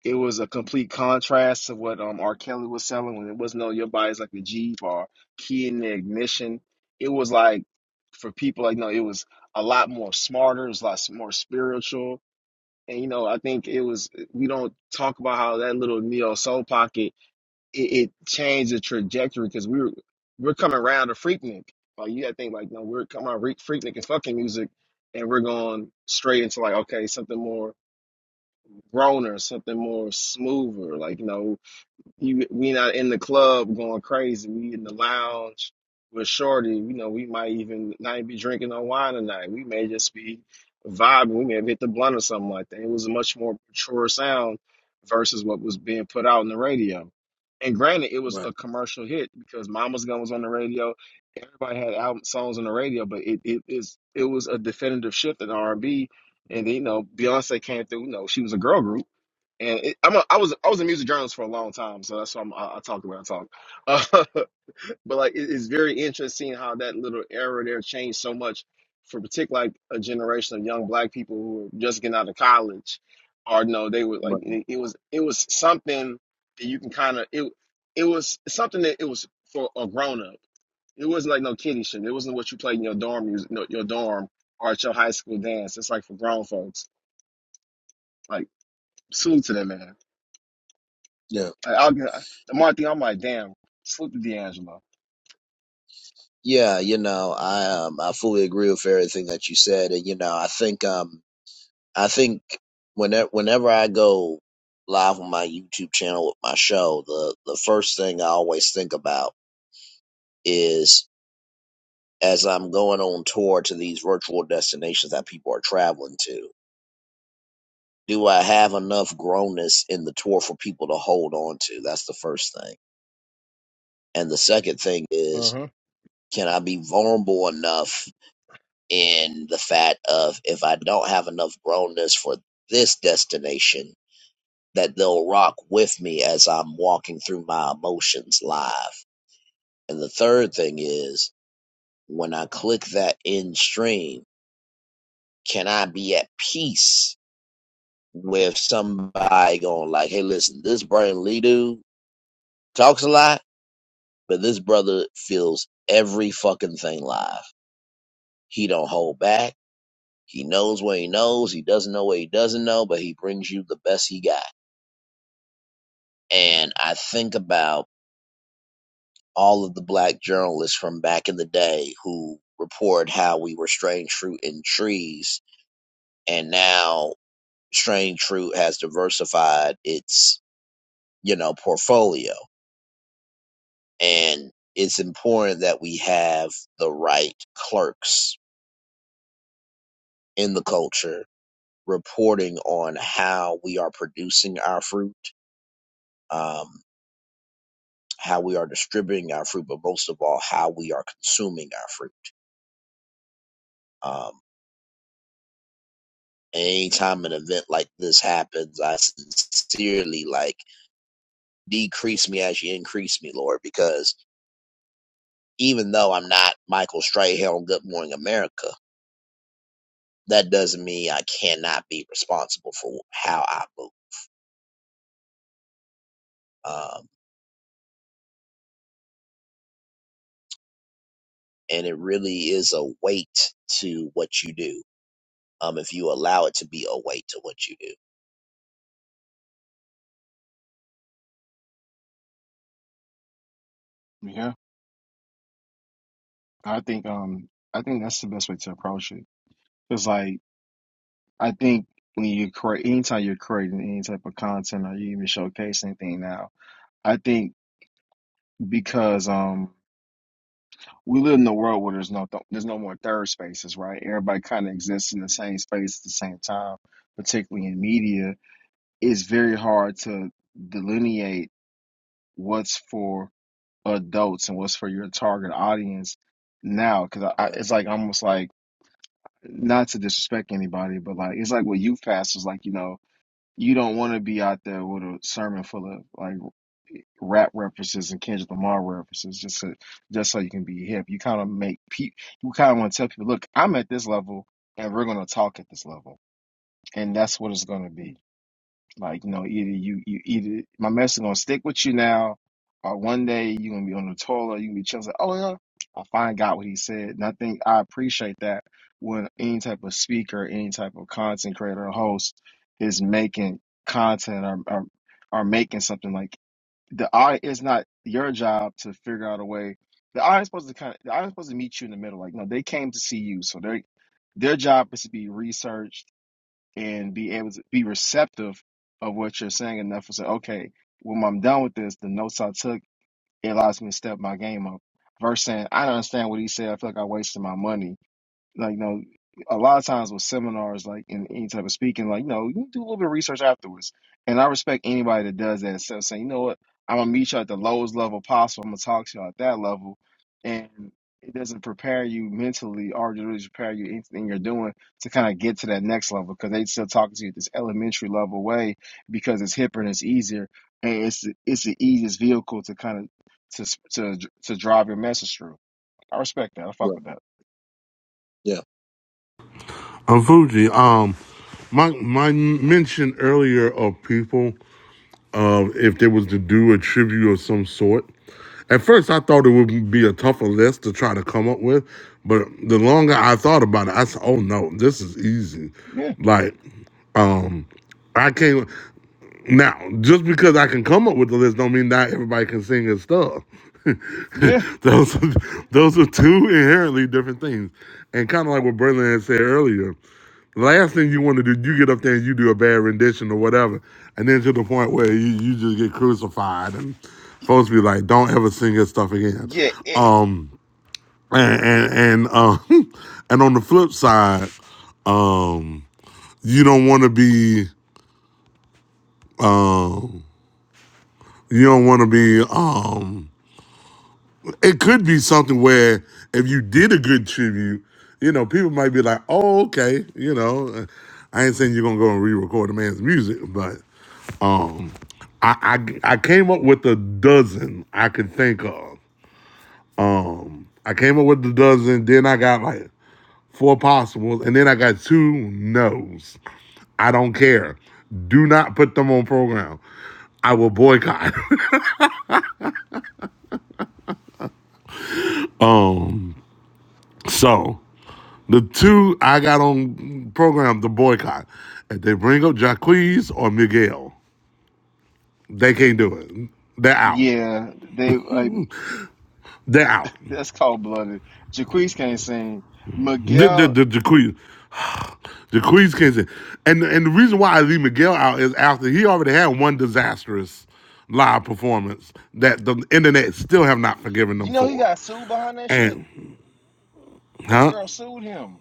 C: It was a complete contrast to what um R. Kelly was selling when it was no, your body's like a Jeep or key in the ignition. It was like for people like no, it was a lot more smarter. It was a lot more spiritual. And you know, I think it was we don't talk about how that little neo soul pocket it, it changed the trajectory because we were we're coming around to Freaknik. Like you gotta think like no, we're coming on Freak Freaknik and fucking music, and we're going straight into like okay something more groaner, something more smoother. Like you know you, we not in the club going crazy. We in the lounge with Shorty. You know, we might even not be drinking no wine tonight. We may just be vibing. We may have hit the blunt or something like that. It was a much more mature sound versus what was being put out on the radio. And granted, it was
A: Right.
C: a commercial hit because Mama's Gun was on the radio. Everybody had album songs on the radio, but it it is it was a definitive shift in R and B. And you know, Beyonce came through. You know, she was a girl group and it, I'm a, I was I was a music journalist for a long time, so that's why I'm, I, I talk the way I talk. Uh, but like, it, it's very interesting how that little era there changed so much for particularly like a generation of young black people who were just getting out of college, or no, they were like
A: Right.
C: it, it was it was something that you can kind of it it was something that it was for a grown up. It wasn't like no kiddie shit. It wasn't what you played in your dorm music, no, your dorm or at your high school dance. It's like for grown folks. Like salute to them, man.
A: Yeah.
C: I- I'll get the one thing I'm like, damn, salute to D'Angelo.
A: Yeah. You know, I um, I fully agree with everything that you said, and you know, I think um, I think whenever whenever I go live on my YouTube channel with my show, the the first thing I always think about is as I'm going on tour to these virtual destinations that people are traveling to. Do I have enough grownness in the tour for people to hold on to? That's the first thing. And the second thing is,
C: hmm
A: can I be vulnerable enough in the fact of if I don't have enough grownness for this destination, that they'll rock with me as I'm walking through my emotions live. And the third thing is when I click that in stream, can I be at peace with somebody going like, hey, listen, this Brandon Lee dude talks a lot, but this brother feels every fucking thing live. He don't hold back He knows what he knows. He doesn't know what he doesn't know, but he brings you the best he got. And I think about all of the black journalists from back in the day who report how we were strange fruit in trees, and now strange fruit has diversified its you know portfolio, and it's important that we have the right clerks in the culture reporting on how we are producing our fruit. Um, how we are distributing our fruit, but most of all, how we are consuming our fruit. Um, anytime an event like this happens, I sincerely like decrease me as you increase me, Lord, because even though I'm not Michael Strahan on Good Morning America, that doesn't mean I cannot be responsible for how I move. Um, and it really is a weight to what you do. Um, if you allow it to be a weight to what you do.
C: Yeah, I think um I think that's the best way to approach it. It's like I think when you create anytime you're creating any type of content or you even showcase anything now, I think because um we live in a world where there's no th there's no more third spaces, right? Everybody kind of exists in the same space at the same time, particularly in media. It's very hard to delineate what's for adults and what's for your target audience now because I, I,
A: Right.
C: it's like almost like not to disrespect anybody but like it's like what you pastors like you know you don't want to be out there with a sermon full of like rap references and Kendrick Lamar references just so, just so you can be hip you kind of make people you kind of want to tell people look I'm at this level and we're going to talk at this level and that's what it's going to be like, you know, either you, you either my message gonna stick with you now, or one day you gonna be on the toilet, you gonna be chilling, like, oh yeah, I finally got what he said. And I think I appreciate that when any type of speaker, any type of content creator or host is making content or or, or making something like the I it's not your job to figure out a way. The audience supposed to kind of the audience supposed to meet you in the middle. Like, no, they came to see you, so they their job is to be researched and be able to be receptive of what you're saying enough to say, okay, when I'm done with this, the notes I took, it allows me to step my game up. Versus saying, I don't understand what he said. I feel like I wasted my money like you know a lot of times with seminars like in any type of speaking like you know, you do a little bit of research afterwards and i respect anybody that does that instead of saying you know what i'm gonna meet you at the lowest level possible i'm gonna talk to you at that level and it doesn't prepare you mentally or to really prepare you anything you're doing to kind of get to that next level because they still talking to you at this elementary level way because it's hipper and it's easier and it's the- it's the easiest vehicle to kind of to to to drive your message through. I respect that. I fuck
A: Right.
C: with that.
A: Yeah.
B: um, Fuji, um, my my mention earlier of people. um, if they was to do a tribute of some sort. At first, I thought it would be a tougher list to try to come up with, but the longer I thought about it, I said, "Oh no, this is easy."
C: Yeah,
B: Like, um, I can't. Now, just because I can come up with the list, don't mean that everybody can sing his stuff.
C: Yeah.
B: those are, those are two inherently different things, and kind of like what Berlin had said earlier. The last thing you want to do, you get up there and you do a bad rendition or whatever, and then to the point where you, you just get crucified and folks be like, "Don't ever sing his stuff again."
C: Yeah, it,
B: Um, and and and, uh, and on the flip side, um, you don't want to be Uh, You don't want to be. um It could be something where if you did a good tribute, you know, people might be like, "Oh, okay." You know, I ain't saying you're gonna go and re-record a man's music, but um, I I, I came up with a dozen I could think of. Um, I came up with a dozen. Then I got like four possibles, and then I got two no's. I don't care. Do not put them on program. I will boycott. um, so. The two I got on program to boycott. If they bring up Jacquees or Miguel, they can't do it. They're out.
C: yeah, they like
B: They're out.
C: that's cold blooded. Jaquise can't sing.
B: The the
C: Miguel,
B: the Jacquees, Jacquees can't say. And and the reason why I leave Miguel out is after he already had one disastrous live performance that the internet still have not forgiven
C: you
B: them
C: know he
B: for.
C: got sued behind that shit.
B: And
C: That
B: huh?
C: girl sued him.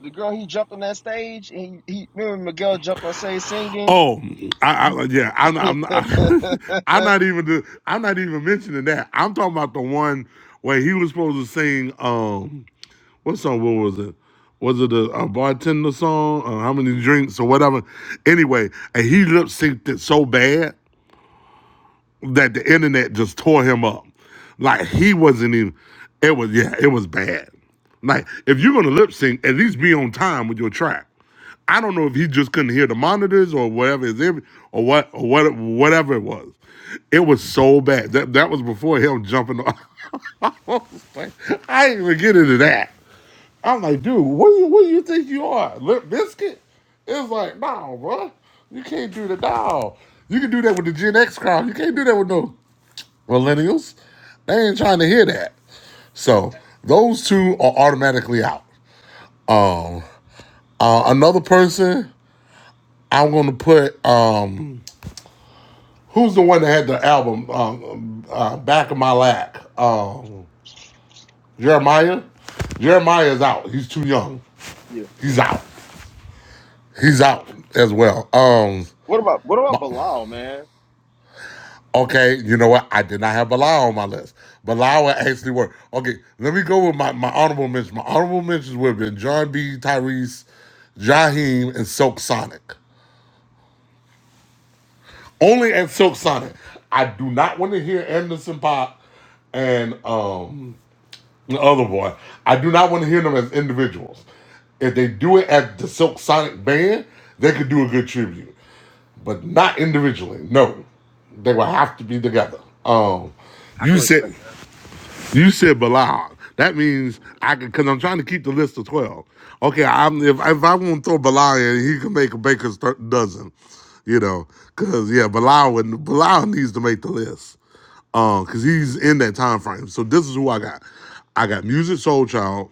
C: The girl he jumped on that stage and he, he remember Miguel jumped on stage singing.
B: Oh, I, I yeah, I'm not,
C: yeah.
B: I'm not, I'm not even the, I'm not even mentioning that. I'm talking about the one where he was supposed to sing. Um, what song? What was it? Was it a, a bartender song? Uh, how many drinks or whatever? Anyway, and he lip synced it so bad that the internet just tore him up. Like he wasn't even. It was yeah, it was bad. Like if you're gonna lip sync, at least be on time with your track. I don't know if he just couldn't hear the monitors or whatever is or what or what whatever it was. It was so bad. That that was before him jumping. off. like, I didn't even get into that. I'm like, dude, what do you, what do you think you are, Lip Biscuit? It's like, no, bro, you can't do that. No, you can do that with the Gen X crowd. You can't do that with no millennials, they ain't trying to hear that. So those two are automatically out. Uh, another person, I'm gonna put um, who's the one that had the album um, uh, "Back of My Lack"? Um, Jeremiah. Jeremiah is out. He's too young.
C: Yeah.
B: He's out. He's out as well. Um,
C: What about what about
B: my,
C: Bilal, man?
B: Okay, you know what? I did not have Bilal on my list. Bilal would actually work. Okay, let me go with my, my honorable mentions. My honorable mentions would have been John B. Tyrese, Jaheim, and Silk Sonic. Only at Silk Sonic. I do not want to hear Anderson Pop and um the other boy. I do not want to hear them as individuals. If they do it as the Silk Sonic band, they could do a good tribute. But not individually. No. They will have to be together. Um
C: I
B: you
C: can
B: said
C: respect that.
B: You said Bilal. That means I can, because I'm trying to keep the list of 12. Okay, I'm if, if I want to throw Bilal in, he can make a baker's th- dozen, you know, because, yeah, Bilal, would- Bilal needs to make the list because he's in that time frame. So this is who I got. I got Music Soul Child,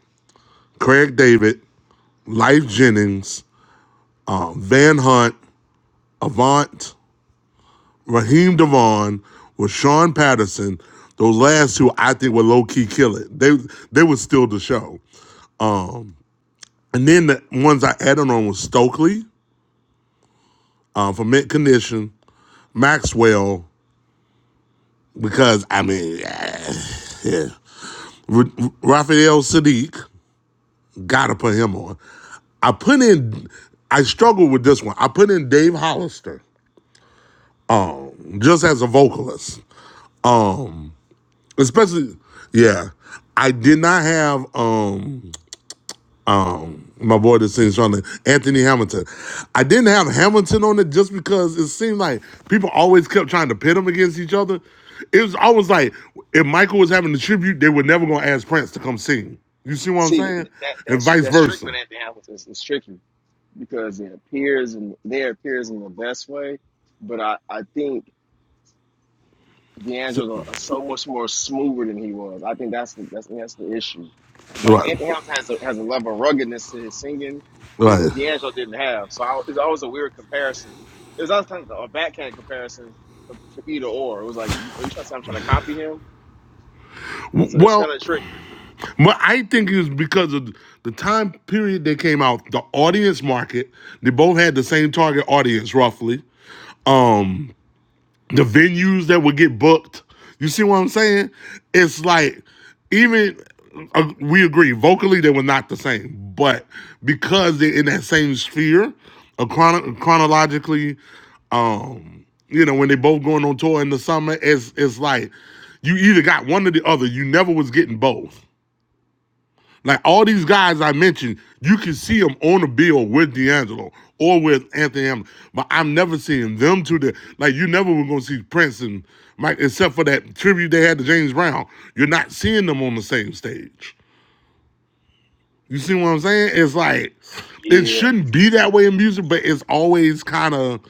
B: Craig David, Life Jennings, um, Van Hunt, Avant, Raheem Devon, with Sean Patterson. Those last two, I think, would low key kill it. They they would steal the show. And then the ones I added on was Stokely uh, for mint condition, Maxwell, because I mean, yeah. yeah. R- R- Raphael Sadiq, gotta put him on. I put in, I struggled with this one. I put in Dave Hollister just as a vocalist. Um, especially, yeah. I did not have um um, my boy that sings trying to Anthony Hamilton. I didn't have Hamilton on it just because it seemed like people always kept trying to pit them against each other. It was always like if Michael was having the tribute, they were never gonna ask Prince to come sing. You see what I'm
C: See that,
B: saying?
C: that
B: And
C: that's
B: vice
C: that's tricky with
B: versa.
C: Anthony Hamilton. It's, it's tricky because it appears and there appears in the best way, but I I think.
B: So-
C: D'Angelo is so much more smoother than he was. I think that's the that's, that's the issue. It's like
B: right.
C: Anthony Hamilton has a, has a level of ruggedness to his singing that
B: Right.
C: D'Angelo didn't have. So I, it's always a weird comparison. It was always kind of a backhand comparison for, for either or. It was like, are you trying to say I'm trying to copy him?
B: W-
C: So it's kind
B: Well,
C: of tricky.
B: but I think it was because of the time period they came out, the audience market. They both had the same target audience, roughly. Um, the venues that would get booked. You see what I'm saying? It's like even uh, we agree vocally they were not the same, but because they're in that same sphere, uh, chrono- chronologically, um, you know when they both going on tour in the summer, it's it's like you either got one or the other. You never was getting both. Like all these guys I mentioned, you can see them on the bill with D'Angelo or with Anthony Hamilton, but I'm never seeing them two. The, like you never were gonna see Prince and Mike, except for that tribute they had to James Brown. You're not seeing them on the same stage. You see what I'm saying? It's like it
C: Yeah,
B: shouldn't be that way in music, but it's always kind of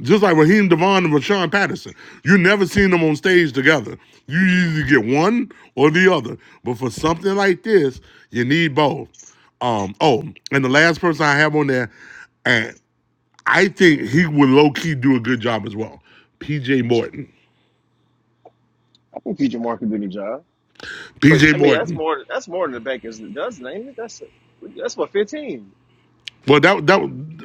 B: just like Raheem Devon and Rashawn Patterson. You never seen them on stage together. You either get one or the other. But for something like this, you need both. Um, oh, and the last person I have on there, and I think he would low key do a good job as well. PJ Morton.
C: I think Future Mark can do the job, but
B: PJ
C: I mean that's
B: Morton.
C: more that's more than the back does name it. That's that's what fifteen.
B: Well, that that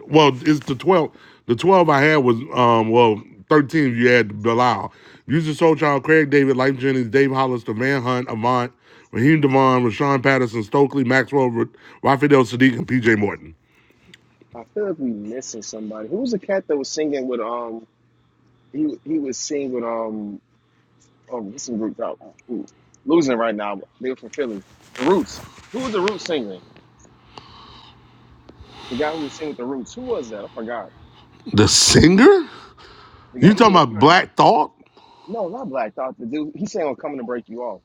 B: well, it's the twelve. The twelve I had was um well thirteen. You had Bilal, Music Soul Child, Craig David, Life Jennings, Dave Hollister, Van Hunt, Avant, Raheem Devon, Rashawn Patterson, Stokely Maxwell, Ra- Rafael Sadiq, and P.J. Morton.
C: I feel like we missing somebody. Who was the cat that was singing with um? he he was singing with um um what's the group out who- losing right now. They were from Philly. The Roots. Who was the Roots singer? The guy who was singing with the Roots. Who was that? I forgot.
B: The singer?
C: The
B: You
C: guy he
B: talking
C: was
B: about
C: appearing. At,
B: Black Thought?
C: no, not Black Thought. The dude he sang on "Coming to Break You Off."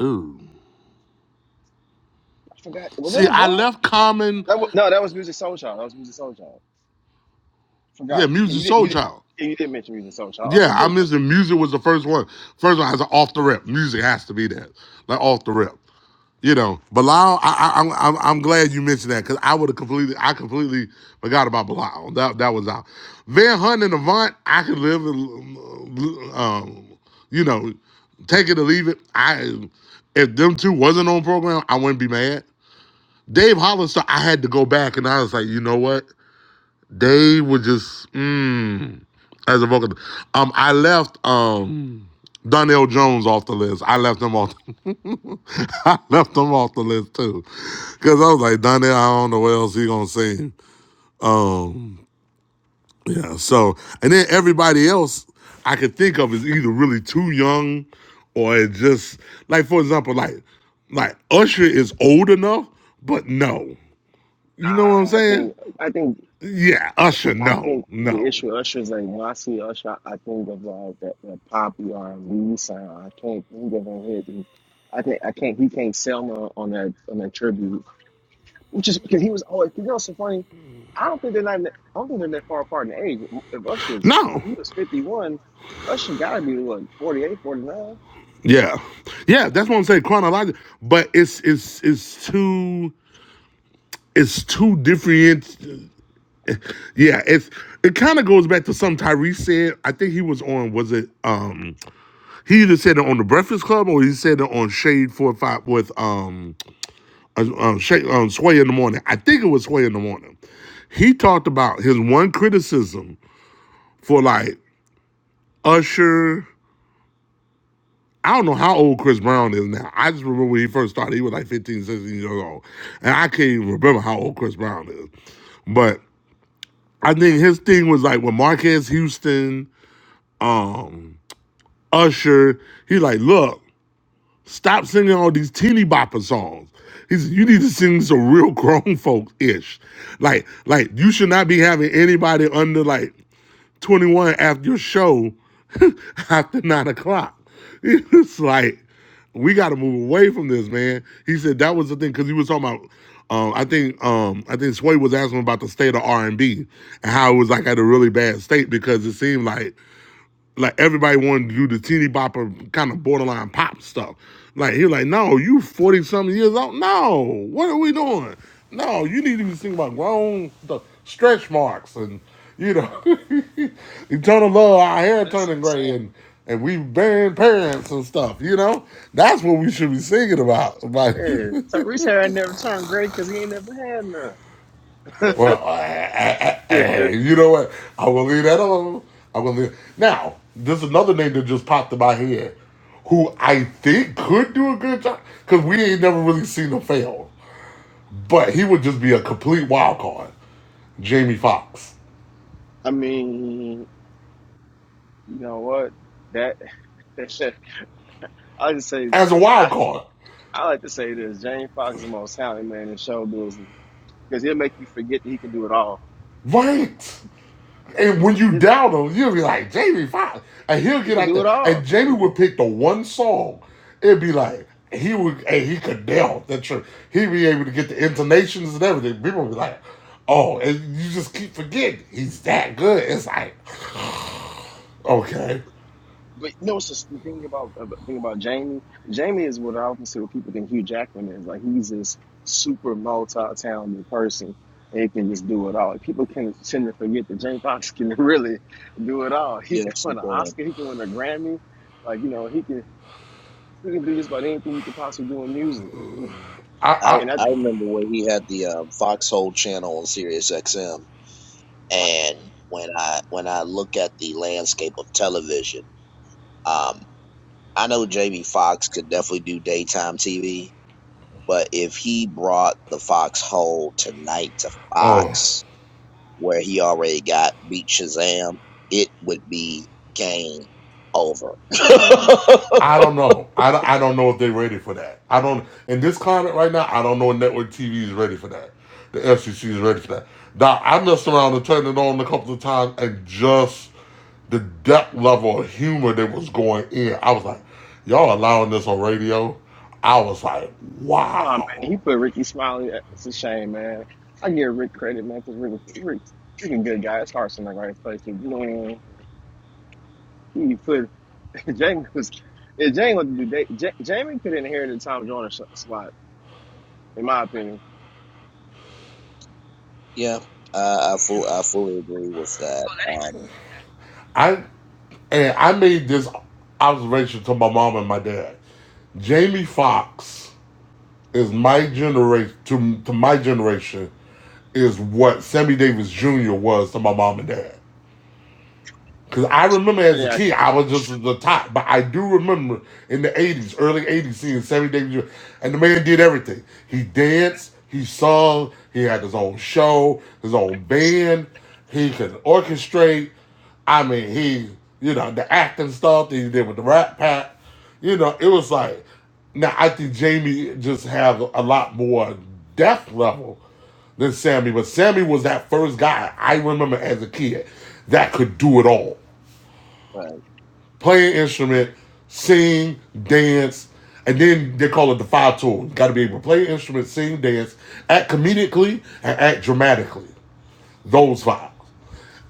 B: Ooh.
C: I forgot. Was that
B: See,
C: Avant
B: I left Common.
C: That was, no, that was Music Soul Child. That was Music Soul Child.
B: Yeah,
C: Forgot. Yeah,
B: Music
C: you didn't.
B: Soul
C: You didn't.
B: Child.
C: You didn't mention Music Soul Child. Oh,
B: Yeah,
C: we
B: I
C: did. that.
B: missed it. Music was the first one. First one has an off the rip. Music has to be there, like off the rip. You know, Bilal, I, I, I'm I'm I'm glad you mentioned that because I would have completely I completely forgot about Bilal. That that was out. Van Hunt and Avant, I could live, in, um, you know, take it or leave it. I if them two wasn't on program, I wouldn't be mad. Dave Hollister, I had to go back and I was like, you know what? Dave was just mm, as a vocal. Um, I left um Donnell Jones off the list. I left him off. I left them off the list too, because I was like, Donnell, I don't know what else he gonna sing. Um, yeah. So, and then everybody else I could think of is either really too young, or it just like, for example, like like Usher is old enough, but no, you know what I'm
C: Nah, I
B: saying?
C: think. I think.
B: Yeah, Usher,
C: I
B: no,
C: think the
B: no,
C: issue with Usher is like when I see Usher, I think of like that, that poppy R and B sound. I can't think of him hitting. I think I can't. He can't sell me on that on that tribute, which is because he was always. You know, what's so funny. I don't think they're not. even- I don't think they're that far apart in age. If Usher's, if
B: no.
C: he was fifty one, Usher gotta be what forty eight, forty nine.
B: Yeah, yeah. That's what I'm saying. Chronological, but it's it's it's too it's too different. Yeah, it's it kind of goes back to something Tyrese said. I think he was on was it um he either said it on the Breakfast Club or he said it on Shade Four Five with um uh, um, Shay, um Sway in the morning. I think it was Sway in the morning. He talked about his one criticism for like Usher. I don't know how old Chris Brown is now. I just remember when he first started, he was like 15, 16 years old. And I can't even remember how old Chris Brown is. But I think his thing was like with Marquez Houston, um, Usher. He like, look, stop singing all these teeny bopper songs. He said, you need to sing some real grown folks ish. Like, like you should not be having anybody under like 21 after your show after nine o'clock. It's like, we got to move away from this, man. He said that was the thing because he was talking about. Um, I think um, I think Sway was asking about the state of R and B and how it was like at a really bad state because it seemed like like everybody wanted to do the teeny bopper kind of borderline pop stuff. Like he was like, no, you forty something years old. No, what are we doing? No, you need to be thinking about grown the stretch marks and you know eternal love. Our hair
C: That's
B: turning gray
C: insane.
B: and and we burying parents and stuff. You know that's what we should be singing about. About
C: Shit, Tyrese had never turned great because he ain't never had
B: Well, I, I, I,
C: none.
B: you know what? I will leave that alone. I will leave. Now, there's another name that just popped in my head, who I think could do a good job because we ain't never really seen him fail. But he would just be a complete wild card. Jamie Foxx
C: I mean, you know what? That I just say,
B: as a wild
C: I,
B: card,
C: I like to say this: James Fox is the most talented man in show business because he'll make you forget that he can do it all.
B: right? And when you
C: He,
B: doubt him, you'll be like, Jamie Foxx. And he'll
C: he
B: get
C: can
B: out
C: do
B: there.
C: it
B: And
C: all.
B: Jamie would pick the one song. It'd be like, he would, and he could nail the truth. He'd be able to get the intonations and everything. People would be like, oh, and you just keep forgetting. He's that good. It's like, okay.
C: But you know, it's just the thing about about- thing about Jamie. Jamie is what I would consider people think Hugh Jackman is. Like he's this super multi-talented person and he can just do it all. People can tend to forget that James Fox can really do it all. He can
A: Yes, you
C: win an
A: can.
C: Oscar. He can win a Grammy. Like you know, he can he can do just about anything you could possibly do in music.
B: I,
A: I
B: I,
C: And I
A: I
C: think.
A: remember when he had the um, Foxhole channel on Sirius XM, and when I when I look at the landscape of television, um, I know Jamie Foxx could definitely do daytime TV, but if he brought the Foxhole tonight to
B: oh.
A: Fox, where he already got beat Shazam, it would be game over.
B: I don't know. I don't, I don't know if they're ready for that. I don't in this climate right now. I don't know if network TV is ready for that. The FCC is ready for that. Now I messed around and turned it on a couple of times and just the depth level of humor that was going in. I was like, y'all allowing this on radio? I was like,
C: Oh man,
B: wow.
C: he put Ricky Smiley. eh, It's a shame, man. I give Rick credit, man, because Rick, Rick, Rick a good guy. His heart's in the right place. you know what I mean? he put Jamie was if Jamie would do that- Ja- Jamie could inherit the Tom Joyner s- slot, in my opinion.
A: yeah, I I, full, I fully agree with that. Um,
B: I and I made this observation to my mom and my dad. Jamie Foxx is my generation to to my generation is what Sammy Davis Jr. was to my mom and dad. Cause I
C: That's
B: remember as
C: pretty
B: a kid, I was just the top, but I do remember in the '80s, early '80s, seeing Sammy Davis Jr. and the man did everything. He danced, he sung, he had his own show, his own band. He could orchestrate. I mean, he, you know, the acting stuff that he did with the Rat Pack. You know, it was like now I think Jamie just have a lot more depth level than Sammy, but Sammy was that first guy I remember as a kid that could do it all
A: but
B: play an instrument,
C: accurate.
B: sing, dance, and then they call it the five tool. You got to be able to play an instrument, sing, dance, act comedically, and act dramatically. Those five.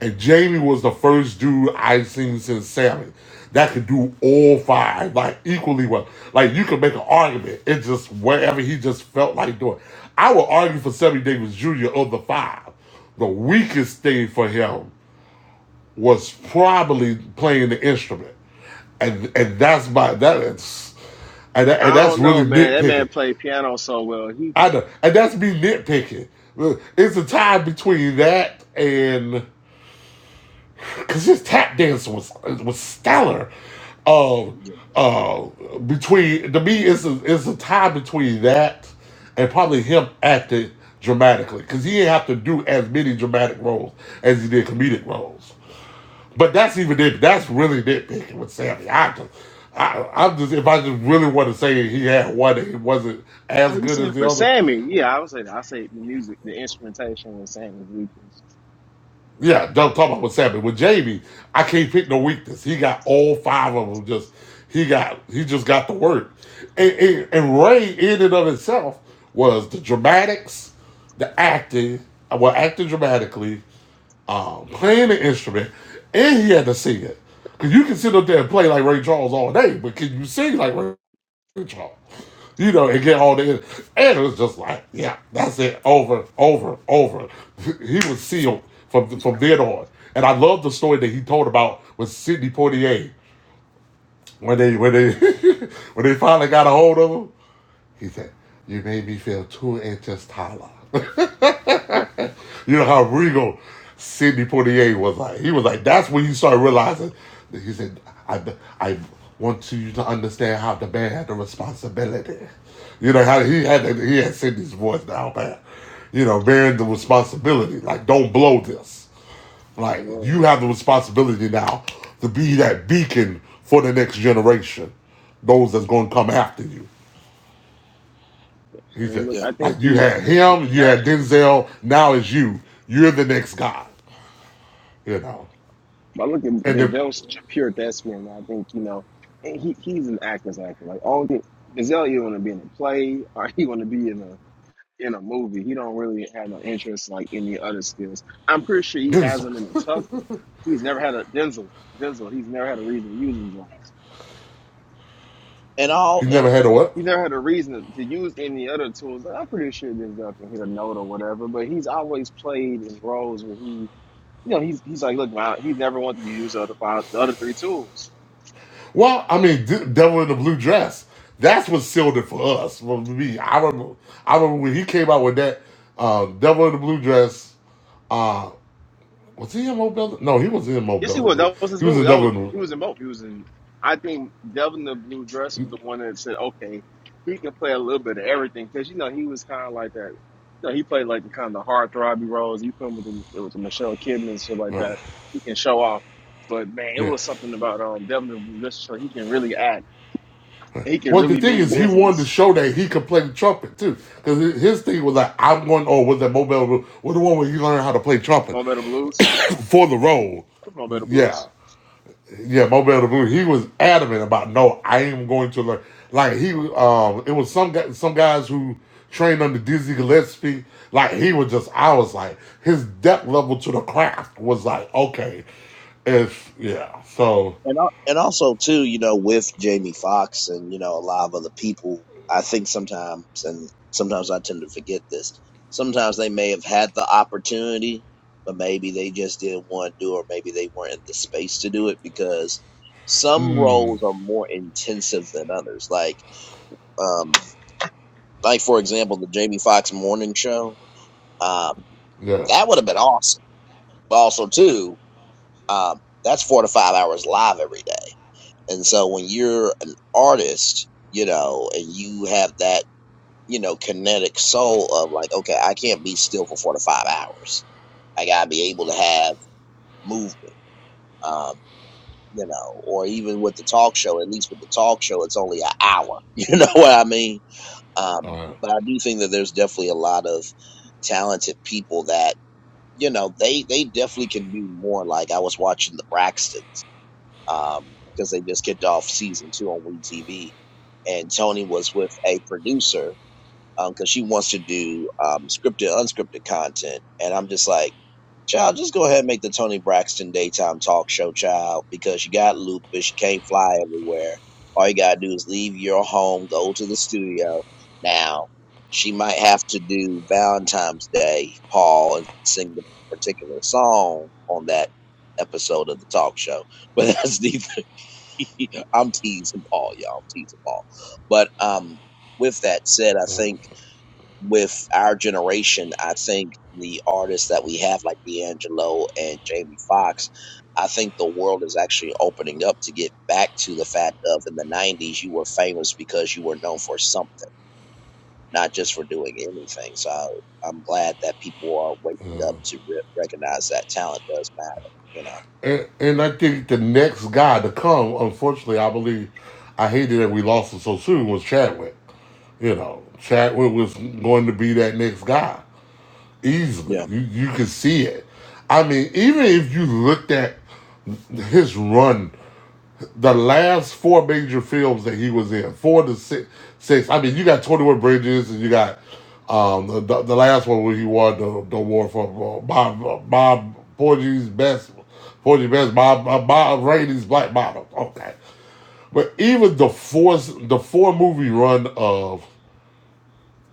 B: And Jamie was the first dude I've seen since Sammy that could do all five, like equally well. Like you could make an argument. It's just whatever he just felt like doing. I would argue for Sammy Davis Jr. of the five. The weakest thing for him was probably playing the instrument and and that's my that is and, that- and
C: I
B: that's
C: don't
B: really
C: know, man. That
B: nitpicking.
C: man played piano so well. He
B: I know, and that's me nitpicking. It's the time between that and because his tap dance was was stellar. Um,
A: yeah.
B: uh, between to me, it's a, it's a tie between that and probably him acting dramatically because he didn't have to do as many dramatic roles as he did comedic roles. But that's even nit. That's really nitpicking with Sammy. I just, I, I'm just if I just really want to say he had one, and it wasn't as
C: oh, you
B: good as
C: said
B: the
C: for
B: other.
C: Sammy? Yeah, I would say I say the music, the instrumentation was Sammy's weakness.
B: Yeah, don't talk about with Sammy. With Jamie, I can't pick no weakness. He got all five of them. Just he got he just got the work. And, and, and Ray, in and of itself, was the dramatics, the acting, well, acting dramatically, um, playing the instrument, and he had to sing it. Cause you can sit up there and play like Ray Charles all day, but can you sing like Ray? control. You know, and get all the and it was just like, yeah, that's it. Over, over, over. He was sealed from from then on. And I love the story that he told about with Sidney Poitier when they when they when they finally got a hold of him. He said, "You made me feel two inches taller." You know how regal Sidney Poitier was like. He was like, that's when you start realizing. He said, I, I want you to understand how the man had the responsibility. You know how he had he had Sidney's voice down pat. You know, bearing the responsibility. Like, don't blow this. Like,
C: Lord,
B: you have the responsibility now to be that beacon for the next generation, those that's going to come after you.
C: I
B: He
C: mean,
B: said,
C: look,
A: yeah.
C: I think
B: like, you
C: he, I
B: had
C: think
B: him,
C: he
B: you
C: got
B: had
C: it.
B: Denzel, now it's you. You're the next guy you know.
C: But I look at
B: And then
C: Denzel's such a pure thespian. I think you know, and he he's an actor's actor. Like all the Denzel, you want to be in a play or he want to be in a in a movie. He don't really have no interest like in the other skills. I'm pretty sure he has
B: Denzel.
C: them in the tuck. He's never had a Denzel. Denzel. He's never had a reason to use them joints.
A: And
B: he
A: all and
B: never had a what?
C: He's never had a reason to use any other tools. Like, I'm pretty sure Denzel can hit a note or whatever, but he's always played in roles where he, you know, he's he's like, look, man, he never wanted to use the other five, the other three tools.
B: Well, I mean, D- Devil in the Blue Dress. That's what sealed it for us. For me, I remember. I remember when he came out with that uh, Devil in the Blue Dress. Uh, was he in Mobile? No, he wasn't in
C: Yes, he
B: Mobile.
C: was.
B: Blue.
C: That was his
B: He was
C: movie.
B: in
C: That
B: Devil
C: was
B: in
C: he was in
B: the
C: both. He was in. I think Devil in the Blue Dress was the one that said, "Okay, he can play a little bit of everything," because you know he was kind of like that. You know, he played like the kind of hard throbby roles. You put him with the, with the Michelle Kidman and stuff like
B: Right.
C: that. He can show off, but man, it
B: Yeah.
C: was something about um Devil in the Blue Dress. Show he can really act. and He can
B: Well, the
C: really
B: thing
C: mean
B: is, he wanted to
C: business.
B: show that he could play the trumpet too, because his thing was like, I'm going. Oh, was that Mobile? Blue- Was the one where he learned how to play trumpet
C: Mo Better Blues.
B: for the role?
C: Mo Better
B: Yeah.
C: Blues.
B: Yeah, Mo Better Moon. He was adamant about no, I am going to learn. Like he, um, it was some guy, some guys who trained under Dizzy Gillespie. Like he was just, I was like, his depth level to the craft was like, okay, If yeah. So
A: And al- and also too, you know, with Jamie Foxx and you know a lot of other people, I think sometimes, and sometimes I tend to forget this. Sometimes they may have had the opportunity, but maybe they just didn't want to do, it, or maybe they weren't in the space to do it because some roles are more intensive than others. Like, um, like for example, the Jamie Foxx morning show, um,
B: yeah,
A: that would have been awesome. But also too, um, that's four to five hours live every day. And so when you're an artist, you know, and you have that, you know, kinetic soul of like, okay, I can't be still for four to five hours. I gotta be able to have movement. Um, you know, or even with the talk show, at least with the talk show, it's only an hour. You know what I mean? Um,
B: uh,
A: but I do think that there's definitely a lot of talented people that, you know, they, they definitely can do more. Like I was watching the Braxtons um, because they just kicked off season two on WE TV. And Tony was with a producer because she wants to do um, scripted, unscripted content. And I'm just like, child, just go ahead and make the Tony Braxton daytime talk show, child, because you got lupus, you can't fly everywhere. All you gotta do is leave your home, go to the studio. Now, she might have to do Valentine's Day, Paul, and sing the particular song on that episode of the talk show. But that's neither. I'm teasing Paul, y'all. I'm teasing Paul. But um, with that said, I think with our generation, I think the artists that we have, like D'Angelo and Jamie Foxx, I think the world is actually opening up to get back to the fact of in the 90s, you were famous because you were known for something, not just for doing anything. So I, I'm glad that people are waking up to re- recognize that talent does matter, you
B: and and I think the next guy to come, unfortunately, I believe, I hated that we lost him so soon was Chadwick. You know, Chadwick was going to be that next guy. easily.
A: know?
B: You you could see it. I mean, even if you looked at his run, the last four major films that he was in, four to six, six. I mean, you got Twenty One Bridges, and you got um, the, the the last one where he won the, the award for uh, Bob uh, Bob Porgy's best Porgy best Bob uh, Bob Rainey's Black Bottom. Okay, but even the four the four movie run of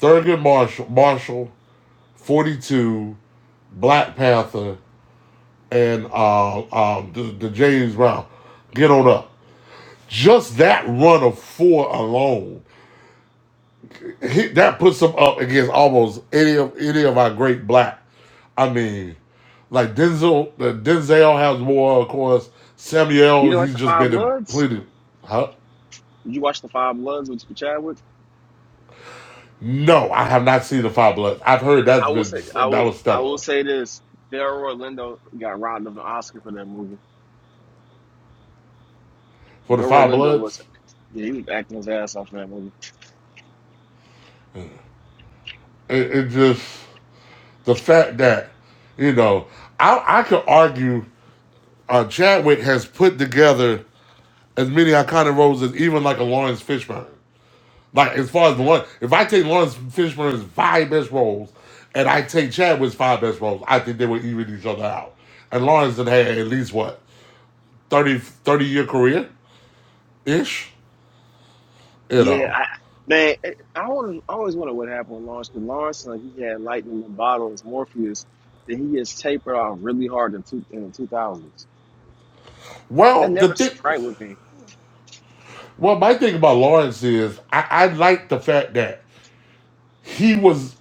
B: Thurgood Marshall Marshall Forty Two Black Panther and uh, uh, the, the James Brown get on up. Just that run of four alone, he, that puts him up against almost any of any of our great black. I mean, like Denzel, uh, Denzel has more, of course.
C: You
B: Samuel,
C: know, like
B: he's
C: the
B: just
C: Five
B: been in
C: Bloods.
B: plenty. Huh?
C: Did you watch the Five Bloods with Chadwick?
B: No, I have not seen the Five Bloods. I've heard that's
C: I will
B: been
C: say I
B: that
C: was
B: was
C: I will
B: stellar
C: say this. Daryl Orlando got robbed of an Oscar for that movie.
B: for the
C: Daryl
B: Five
C: Orlando was
B: Bloods.
C: yeah, he was acting his ass off in that movie.
B: It, it just the fact that you know I I could argue uh, Chadwick has put together as many iconic roles as even like a Lawrence Fishburne. Like as far as the one, if I take Lawrence Fishburne's five best roles, and I take Chadwick's five best roles, I think they would even each other out. And Lawrence had had at least what 30 30 year career ish, you
C: Yeah,
B: know.
C: I man, I I always, I always wonder what happened with Lawrence because Lawrence like he had lightning in the bottle as Morpheus that he gets tapered off really hard in two in the two thousands. That
B: Well, the
C: never
B: thing,
C: sat right with me.
B: well, my thing about Lawrence is I, I like the fact that he was.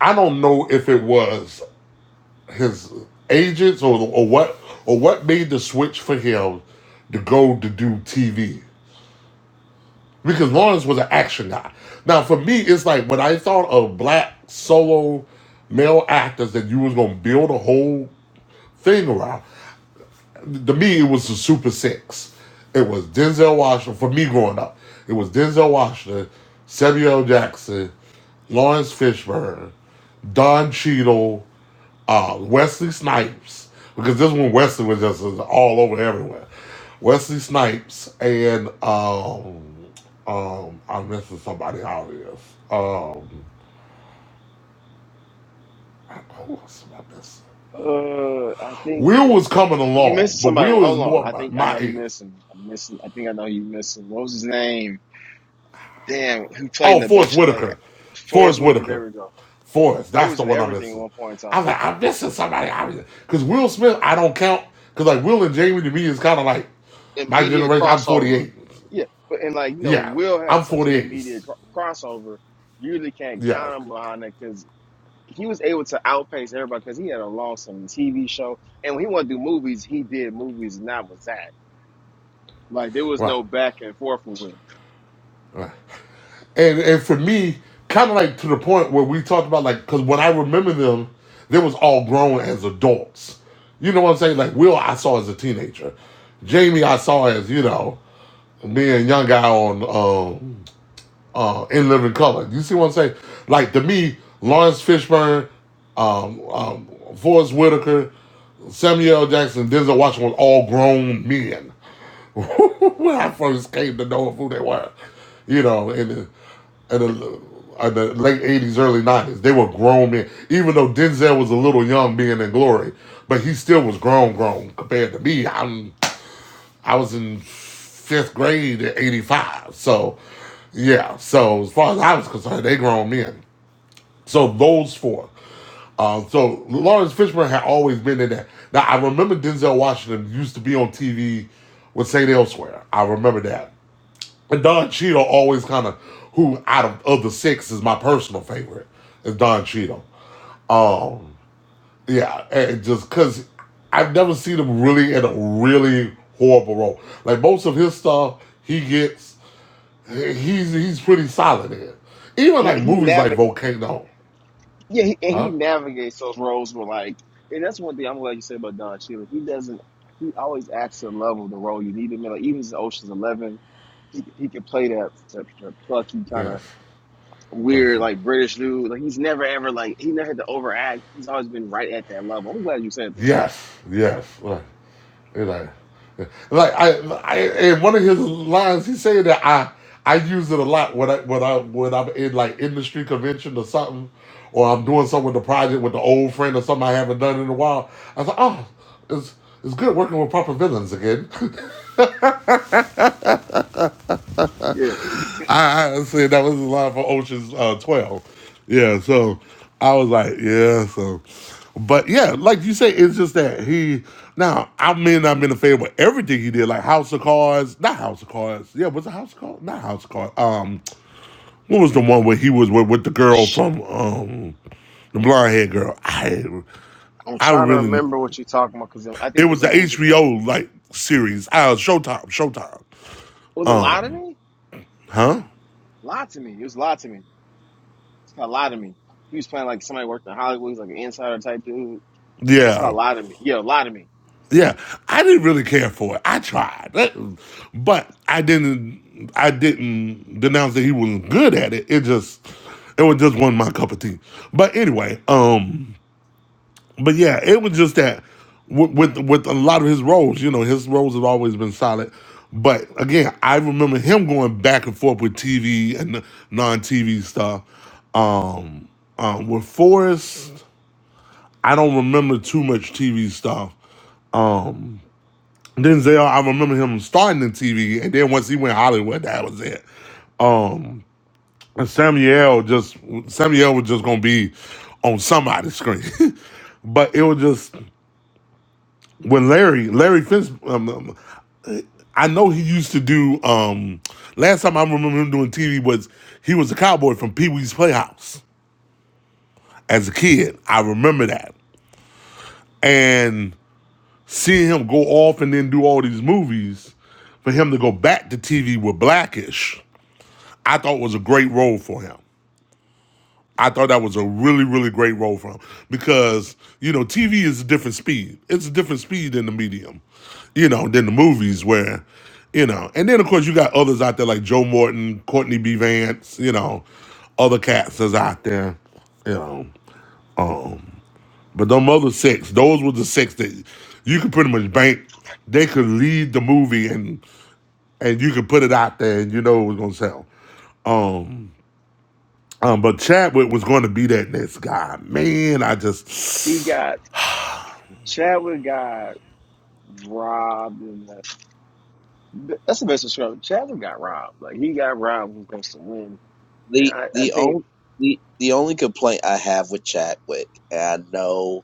B: I don't know if it was. his agents or or what or what made the switch for him to go to do TV? Because Lawrence was an action guy. Now for me, it's like when I thought of black solo male actors that you was gonna build a whole thing around. To me, it was the Super Six. It was Denzel Washington for me growing up. It was Denzel Washington, Samuel L. Jackson, Lawrence Fishburne, Don Cheadle, uh, Wesley Snipes, because this one Wesley was just all over everywhere. Wesley Snipes and um, um, I'm missing somebody out here. Um, who else am I missing?
C: Uh I think
B: Will was coming
C: you
B: along,
C: missing
B: but
C: somebody.
B: Will is
C: Hold on.
B: more
C: I
B: my,
C: think I
B: my
C: know you
B: age.
C: missing. I'm missing I think I know you missing. What was his name? damn, who played
B: Oh,
C: in a
B: Forrest
C: bunch of like
B: Whitaker, Forrest
C: Forrest Whitaker.
B: Whitaker,
C: There we go.
B: Forrest.
C: There
B: That's
C: was
B: the
C: in
B: one I'm
C: everything at
B: missing.
C: one point in
B: I was
C: time.
B: like, I'm missing somebody out here because Will Smith I don't count because like Will and Jamie to me is kind of like my
C: Immediate
B: generation. I'm
C: crossover.
B: 48.
C: Yeah, but and like you know,
B: Yeah,
C: Will had
B: I'm
C: such an
B: 48.
C: immediate cro- crossover. You really can't
B: Yeah,
C: count him behind that because he was able to outpace everybody because he had a long standing TV show. And when he wanted to do movies, he did movies, and that was that. Like there was
B: right,
C: no back and forth with him.
B: right. And and for me, kind of like to the point where we talked about like, because when I remember them, they was all grown as adults. You know what I'm saying? Like Will, I saw as a teenager. Jamie, I saw as you know, being a young guy on uh, uh, In Living Color. You see what I'm saying? Like to me, Lawrence Fishburne, um, um, Forrest Whitaker, Samuel L. Jackson, Denzel Washington was all grown men. when I first came to know of who they were. You know, in the, in the, in the late 80s, early 90s, they were grown men. Even though Denzel was a little young being in glory, but he still was grown, grown compared to me. I'm, I was in fifth grade at 85. So, yeah. So, as far as I was concerned, they grown men. So, those four. Uh, so, Lawrence Fishburne had always been in that. Now, I remember Denzel Washington used to be on TV with St. Elsewhere. I remember that. And Don Cheadle always kind of who out of, of the six is my personal favorite is Don Cheadle. Um, yeah, and just because I've never seen him really in a really horrible role. Like most of his stuff, he gets he's he's pretty solid in. Even
C: He,
B: like
C: he
B: movies like
C: never.
B: Volcano,
C: Yeah, he, and he
B: huh?
C: navigates those roles with like, and that's one thing I'm glad you said about Don Cheadle. He doesn't. He always acts to the level of the role you need him in. Like even in Ocean's Eleven, he he could play that, that, that plucky kind
B: Yes,
C: of
B: yes,
C: weird like British dude. Like he's never ever like he never had to overact. He's always been right at that level. I'm glad you said that.
B: yes, yes. right. You know, like I, I, in one of his lines, he said that I, I use it a lot when I, when I, when I'm in like industry convention or something, or I'm doing something with the project with the old friend or something I haven't done in a while. I was like, oh, it's, it's good working with proper villains again.
C: Yeah.
B: I, I said that was the line for Ocean's uh, Twelve. Yeah, so I was like, yeah, so, but yeah, like you say, it's just that he. Now I may not have been a fan with everything he did, like House of Cards, not House of Cards. Yeah, was it House of Cards? Not House of Cards. Um, what was the one where he was with, with the girl
C: Shh.
B: from um the blonde haired girl? I
C: I'm
B: I
C: trying to
B: really
C: remember what you're talking about because I
B: it
C: think it
B: was
C: was a
B: the
C: movie that kind of
B: HBO like series. Uh, Showtime, Showtime.
C: was it Lie to
B: Um,
C: Me?
B: huh?
C: Lie to Me. It was Lie to Me. It's called Lie to Me. He was playing like somebody worked in Hollywood. He's like an insider type dude It's
B: Yeah.
C: called Lie to Me. Yeah, Lie to Me.
B: Yeah, I didn't really care for it. I tried, but I didn't. I didn't denounce that he wasn't good at it. It just, it was just one my cup of tea. But anyway, um, but yeah, it was just that with with, with a lot of his roles, you know, his roles have always been solid. But again, I remember him going back and forth with TV and non TV stuff. Um, um, with Forrest, I don't remember too much TV stuff Denzel, I remember him starting in TV, and then once he went Hollywood, that was it. Um, and Samuel just Samuel was just gonna be on somebody's screen, but it was just when Larry Larry Finch. Um, um, I know he used to do. Um, last time I remember him doing TV was he was a cowboy from Pee Wee's Playhouse as a kid. I remember that, and seeing him go off and then do all these movies, for him to go back to TV with Blackish I thought was a great role for him. I thought that was a really, really great role for him because you know TV is a different speed. It's a different speed in the medium, you know, than the movies where, you know. And then of course you got others out there like Joe Morton, Courtney B. Vance, you know, other cats that's out there, you know. But them other six, those were the six that you could pretty much bank. They could lead the movie and and you could put it out there and you know it was gonna sell. Um, Um, but Chadwick was going to be that next guy. Man, I
C: He
B: just,
C: got Chadwick got robbed, and that, that's the best description. Chadwick got robbed. Like he got robbed. Who's supposed to win? And
A: the
C: I, I
A: the
C: think
A: only the, the only complaint I have with Chadwick, and I know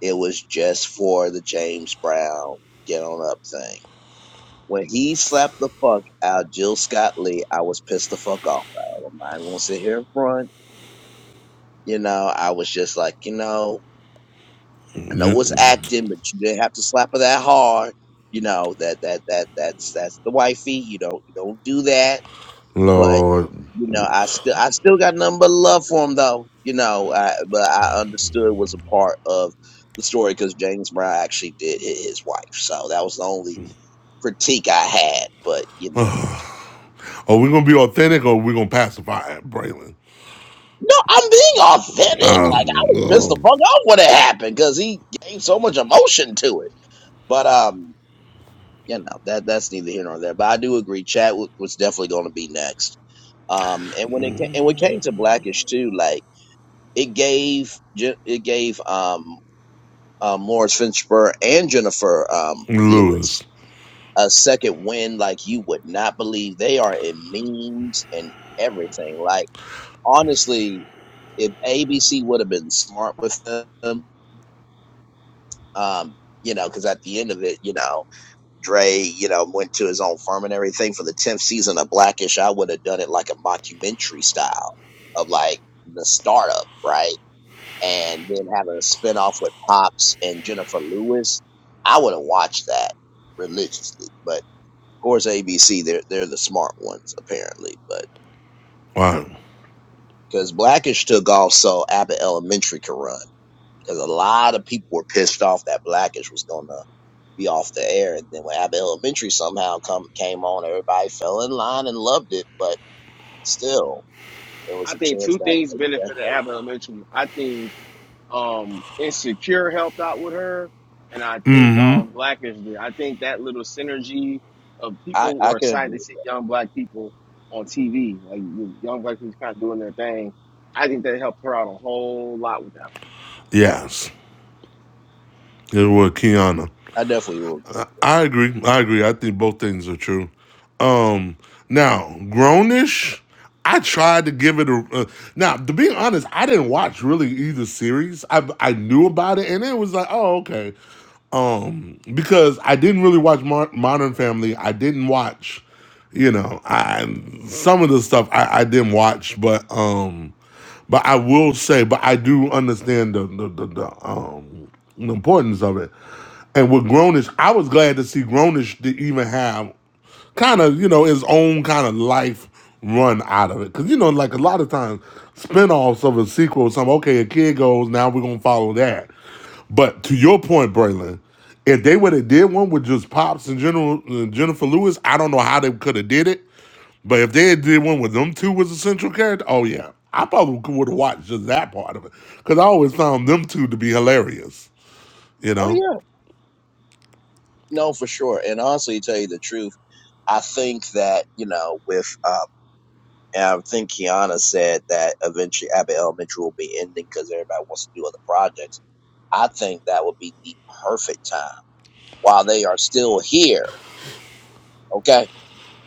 A: it was just for the James Brown get on up thing. When he slapped the fuck out Jill Scott Lee, I was pissed the fuck off at him. I won't sit here in front. You know, I was just like, you know, I know it's acting, but you didn't have to slap her that hard. You know, that that that that's that's the wifey. You don't you don't do that But
B: Lord,
A: you know, I still I still got nothing but love for him though. You know, I, but I understood was a part of the story because James Brown actually did hit his wife, so that was the only critique I had. But you know,
B: are we gonna be authentic or are we gonna pacify Braylon?
A: no, I'm being authentic.
B: Uh,
A: Like I was pissed the fuck off when it happened because he gave so much emotion to it. But um, you know that that's neither here nor there. But I do agree, Chadwick was definitely going to be next. Um, and when it ca- and when it came to Blackish too, like. it gave Ju- it gave um, um Lawrence Finchburn and Jennifer um Lewis
B: lose.
A: a second win like you would not believe. They are in memes and everything. Like honestly, if ABC would have been smart with them, um, you know, because at the end of it, you know, Dre, you know, went to his own firm and everything for the tenth season of Blackish. I would have done it like a mockumentary style of like the startup, right? and then having a spinoff with Pops and Jennifer Lewis, I would have watched that religiously. But of course, ABC they're they're the smart ones apparently. But
B: Wow.
A: because Blackish took off, so Abbott Elementary could run. Because a lot of people were pissed off that Blackish was gonna be off the air, and then when Abbott Elementary somehow come came on, everybody fell in line and loved it. But still, there was
C: I
A: a
C: think
A: chance
C: two
A: that
C: things
A: maybe that
C: benefited Abigail Mitchell. I think um Insecure helped out with her, and I think um Blackish did. I think that little synergy of
A: I
C: people
A: I
C: were
A: can
C: excited to
A: agree.
C: see young black people on TV, like young black people kind of doing their thing. I think that helped her out a whole lot with that.
B: Yes, it was Kiana.
A: I definitely will. Agree.
B: I agree. I agree. I think both things are true. Um, now Grownish, I tried to give it a. Uh, now, to be honest, I didn't watch really either series. I I knew about it, and it was like, oh okay. um, because I didn't really watch Mar- Modern Family. I didn't watch, you know, I some of the stuff I, I didn't watch, but um, but I will say, but I do understand the the, the, the um the importance of it. And with Grownish, I was glad to see Grownish to even have kind of you know his own kind of life run out of it because you know like a lot of times spinoffs of a sequel or something okay a kid goes now we're gonna follow that but to your point, Braylon, if they would have did one with just Pops and General uh, Jennifer Lewis, I don't know how they could have did it. But if they had did one with them two was a central character, oh yeah, I probably would have watched just that part of it because I always found them two to be hilarious. You
A: Oh
B: know?
A: yeah. No, for sure. And honestly, to tell you the truth, I think that, you know, with, um, and I think Kiana said that eventually Abbott Elementary will be ending because everybody wants to do other projects. I think that would be the perfect time while they are still here, okay,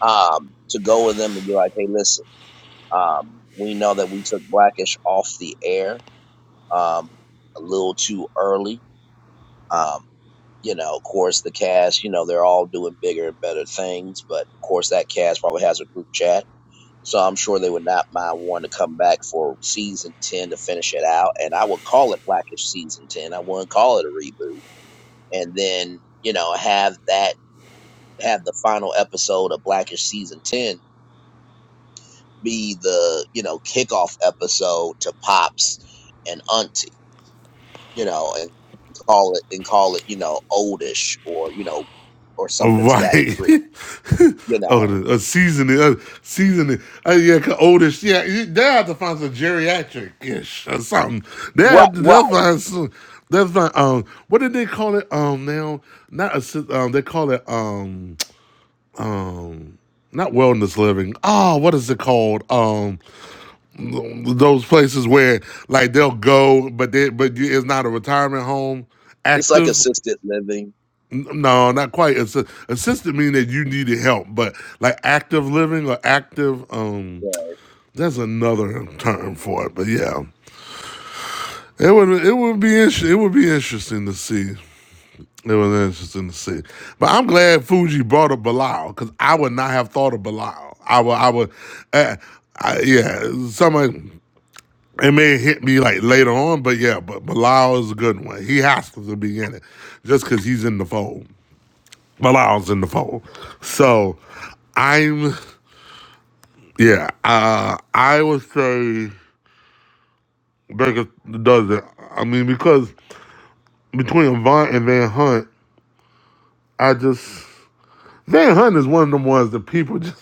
A: um, to go with them and be like, hey, listen, um, we know that we took Blackish off the air um, a little too early. Um, you know, of course, the cast, you know, they're all doing bigger and better things, but of course, that cast probably has a group chat. So I'm sure they would not mind wanting to come back for season 10 to finish it out. And I would call it Blackish season 10. I wouldn't call it a reboot. And then, you know, have that, have the final episode of Blackish season 10 be the, you know, kickoff episode to Pops and Auntie, you know, and call it, and call it, you know, oldish or, you know, or something to that
B: Right.
A: degree you know.
B: oh, the, a seasoning, uh, seasoning. Uh, yeah, 'cause older. Yeah, you- they have to find some geriatric ish or something. They
A: Right,
B: have to,
A: right.
B: they'll find some. They'll find um. What did they call it? Um, now not a si- um. They call it um. Not wellness living. Oh, what is it called? Um, those places where like they'll go, but they but you- it's not a retirement home
A: It's like
B: active.
A: assisted living.
B: No, not quite. It's a, assisted mean that you needed help, but like active living or active, um,
A: Yeah.
B: that's another term for it. But yeah, it would it would be inter- it would be interesting to see. It was interesting to see. But I'm glad Fuji brought up Bilal because I would not have thought of Bilal. I would I would, uh, I, yeah. Somebody it may hit me like later on, but yeah. But Bilal is a good one. He has to be in it just because he's in the fold. while I was in the poll. So I'm yeah, uh I would say Baker does it. I mean because between Avant and Van Hunt, I just Van Hunt is one of them ones that people just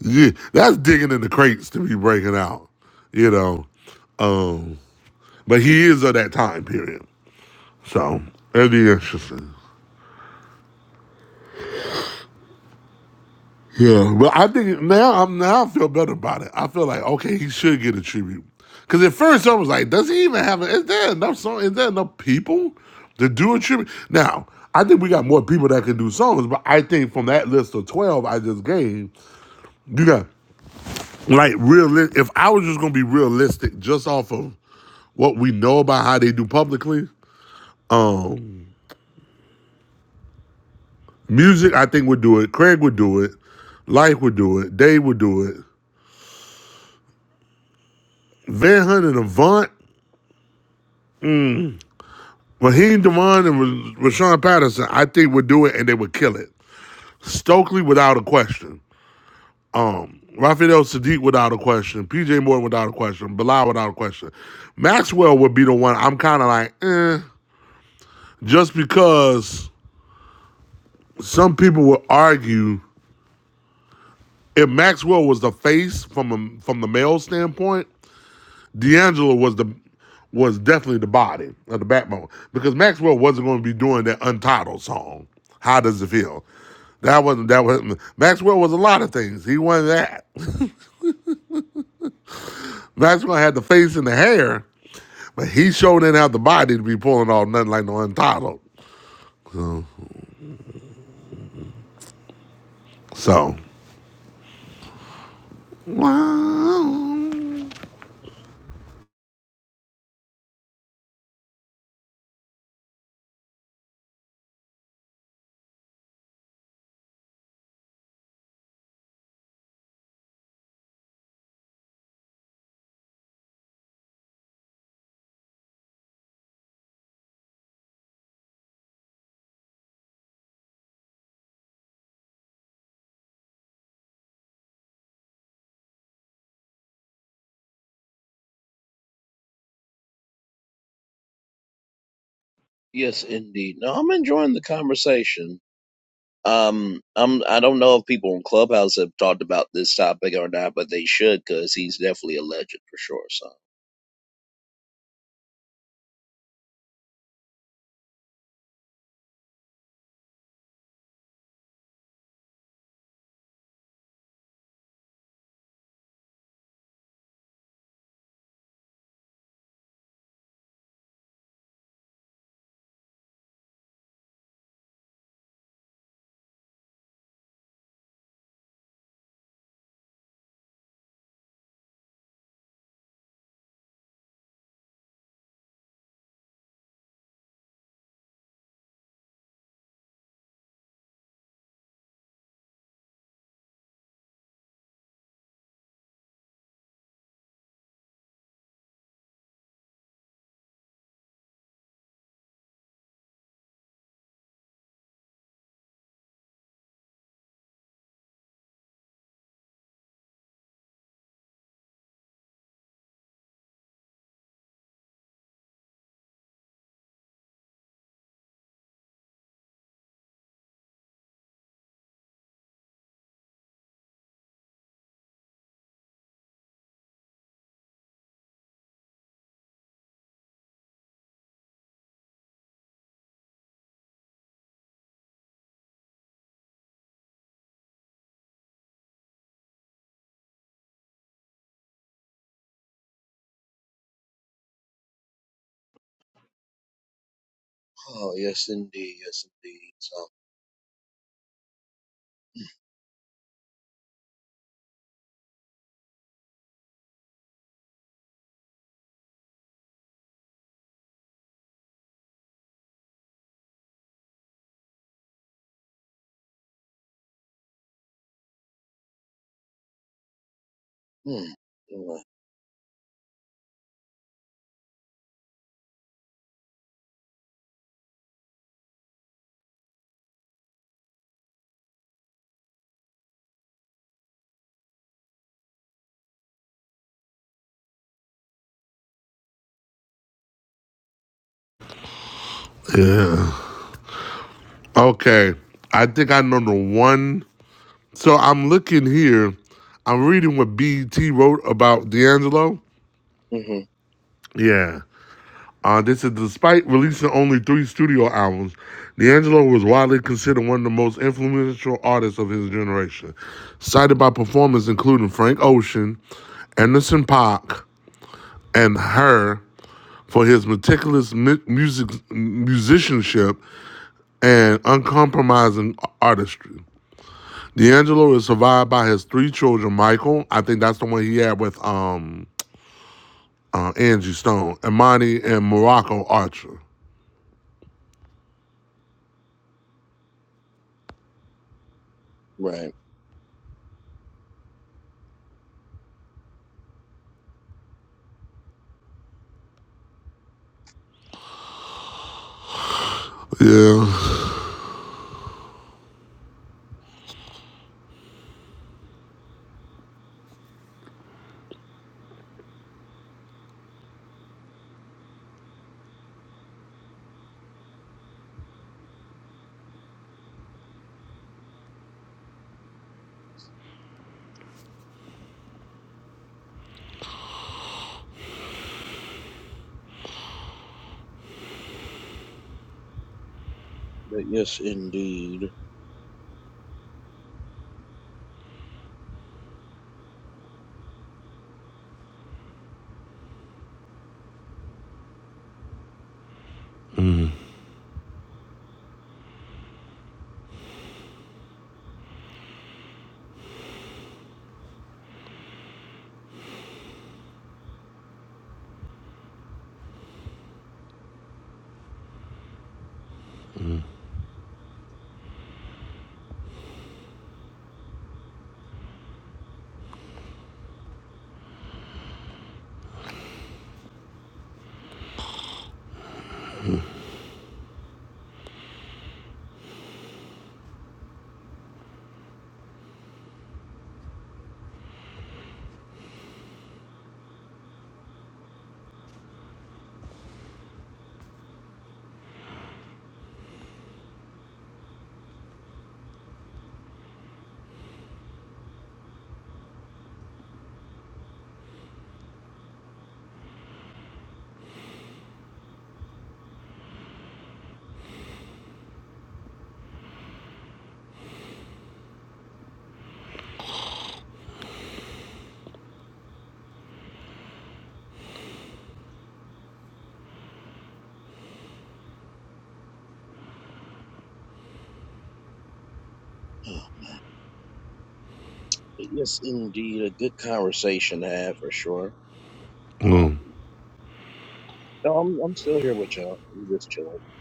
B: yeah, that's digging in the crates to be breaking out, you know. Um but he is of that time period. So it'd be interesting. Yeah, but I think now I'm now I feel better about it. I feel like okay, he should get a tribute. Cause at first I was like, does he even have? A, is there enough song? Is there enough people to do a tribute? Now I think we got more people that can do songs, but I think from that list of twelve I just gave, you got like real. If I was just gonna be realistic, just off of what we know about how they do publicly, um, music I think would do it. Craig would do it. Life would do it. Dave would do it. Van Hunt and Avant. Raheem Devon and Rashawn Patterson, I think would do it and they would kill it. Stokely without a question. Um, Rafael Sadiq without a question. PJ Morton without a question. Bilal without a question. Maxwell would be the one I'm kind of like, eh, just because some people would argue if Maxwell was the face from a, from the male standpoint, D'Angelo was the was definitely the body of the backbone because Maxwell wasn't going to be doing that Untitled song. How does it feel? That wasn't that wasn't Maxwell was a lot of things. He wasn't that. Maxwell had the face and the hair, but he sure didn't have the body to be pulling off nothing like no Untitled. So, wow.
A: Yes, indeed. No, I'm enjoying the conversation. Um, I'm. I don't know if people in Clubhouse have talked about this topic or not, but they should because he's definitely a legend for sure. So. Oh yes, indeed. Yes, indeed. So. Hmm.
B: yeah. Okay, I think I know the one. So I'm looking here. I'm reading what BET wrote about D'Angelo.
A: Mm-hmm.
B: Yeah. Uh, this is despite releasing only three studio albums, D'Angelo was widely considered one of the most influential artists of his generation, cited by performers including Frank Ocean, Anderson Paak, and her for his meticulous mu- music musicianship and uncompromising artistry. D'Angelo is survived by his three children, Michael, I think that's the one he had with um uh, Angie Stone, Imani, and Morocco Archer.
A: Right.
B: Yeah.
A: But yes, indeed. Huh. But yes, indeed, a good conversation to have for sure.
B: Mm.
A: Um. No, I'm. I'm still here with y'all. I'm just chilling.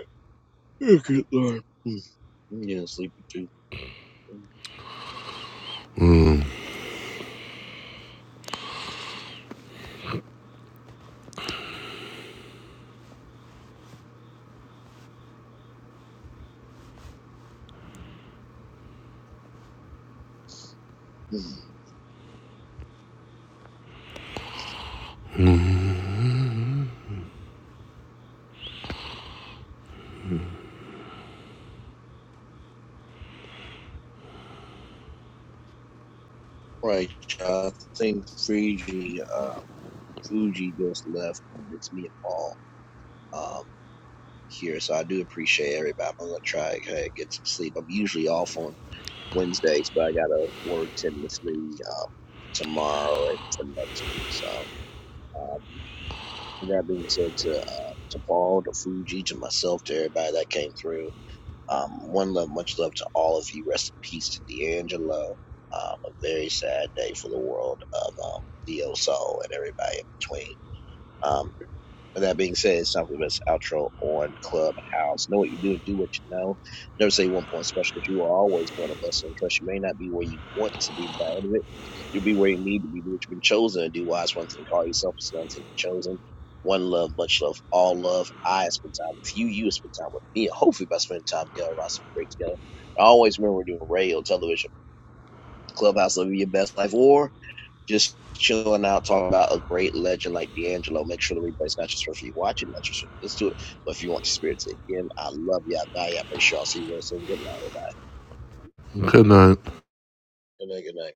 A: Oh, Good lord. Hmm. Yeah, sleepy too. Mm. Right, I think Fuji, uh, Fuji just left, and it's me and Paul um, here. So I do appreciate everybody. I'm gonna try to hey, get some sleep. I'm usually off on Wednesdays, but I gotta work tentatively um, tomorrow and for next week. So um, with that being said, to uh, to Paul, to Fuji, to myself, to everybody that came through. Um, one love, much love to all of you. Rest in peace to D'Angelo. Um, a very sad day for the world of um, Neo Soul and everybody in between. Um, with that being said, it's time for the best outro on Clubhouse. Know what you do and do what you know. Never say one point special because you are always born a blessing and trust. You may not be where you want to be by the end of it. You'll be where you need to be. Do what you've been chosen to do. Wise one thing, call yourself it's another thing chosen. One love, much love, all love. I spend time with you. You spend time with me. And hopefully by spending time together, we'll have some great together. And always remember we're doing radio, television, clubhouse, living your best life, or just chilling out, talking about a great legend like D'Angelo. Make sure the replay's not just for you watching, it, not just for let's do it. But if you want to experience it again, I love you. I value you. I appreciate y'all. See you real soon. Good night.
B: Good night.
A: Good night. Good night.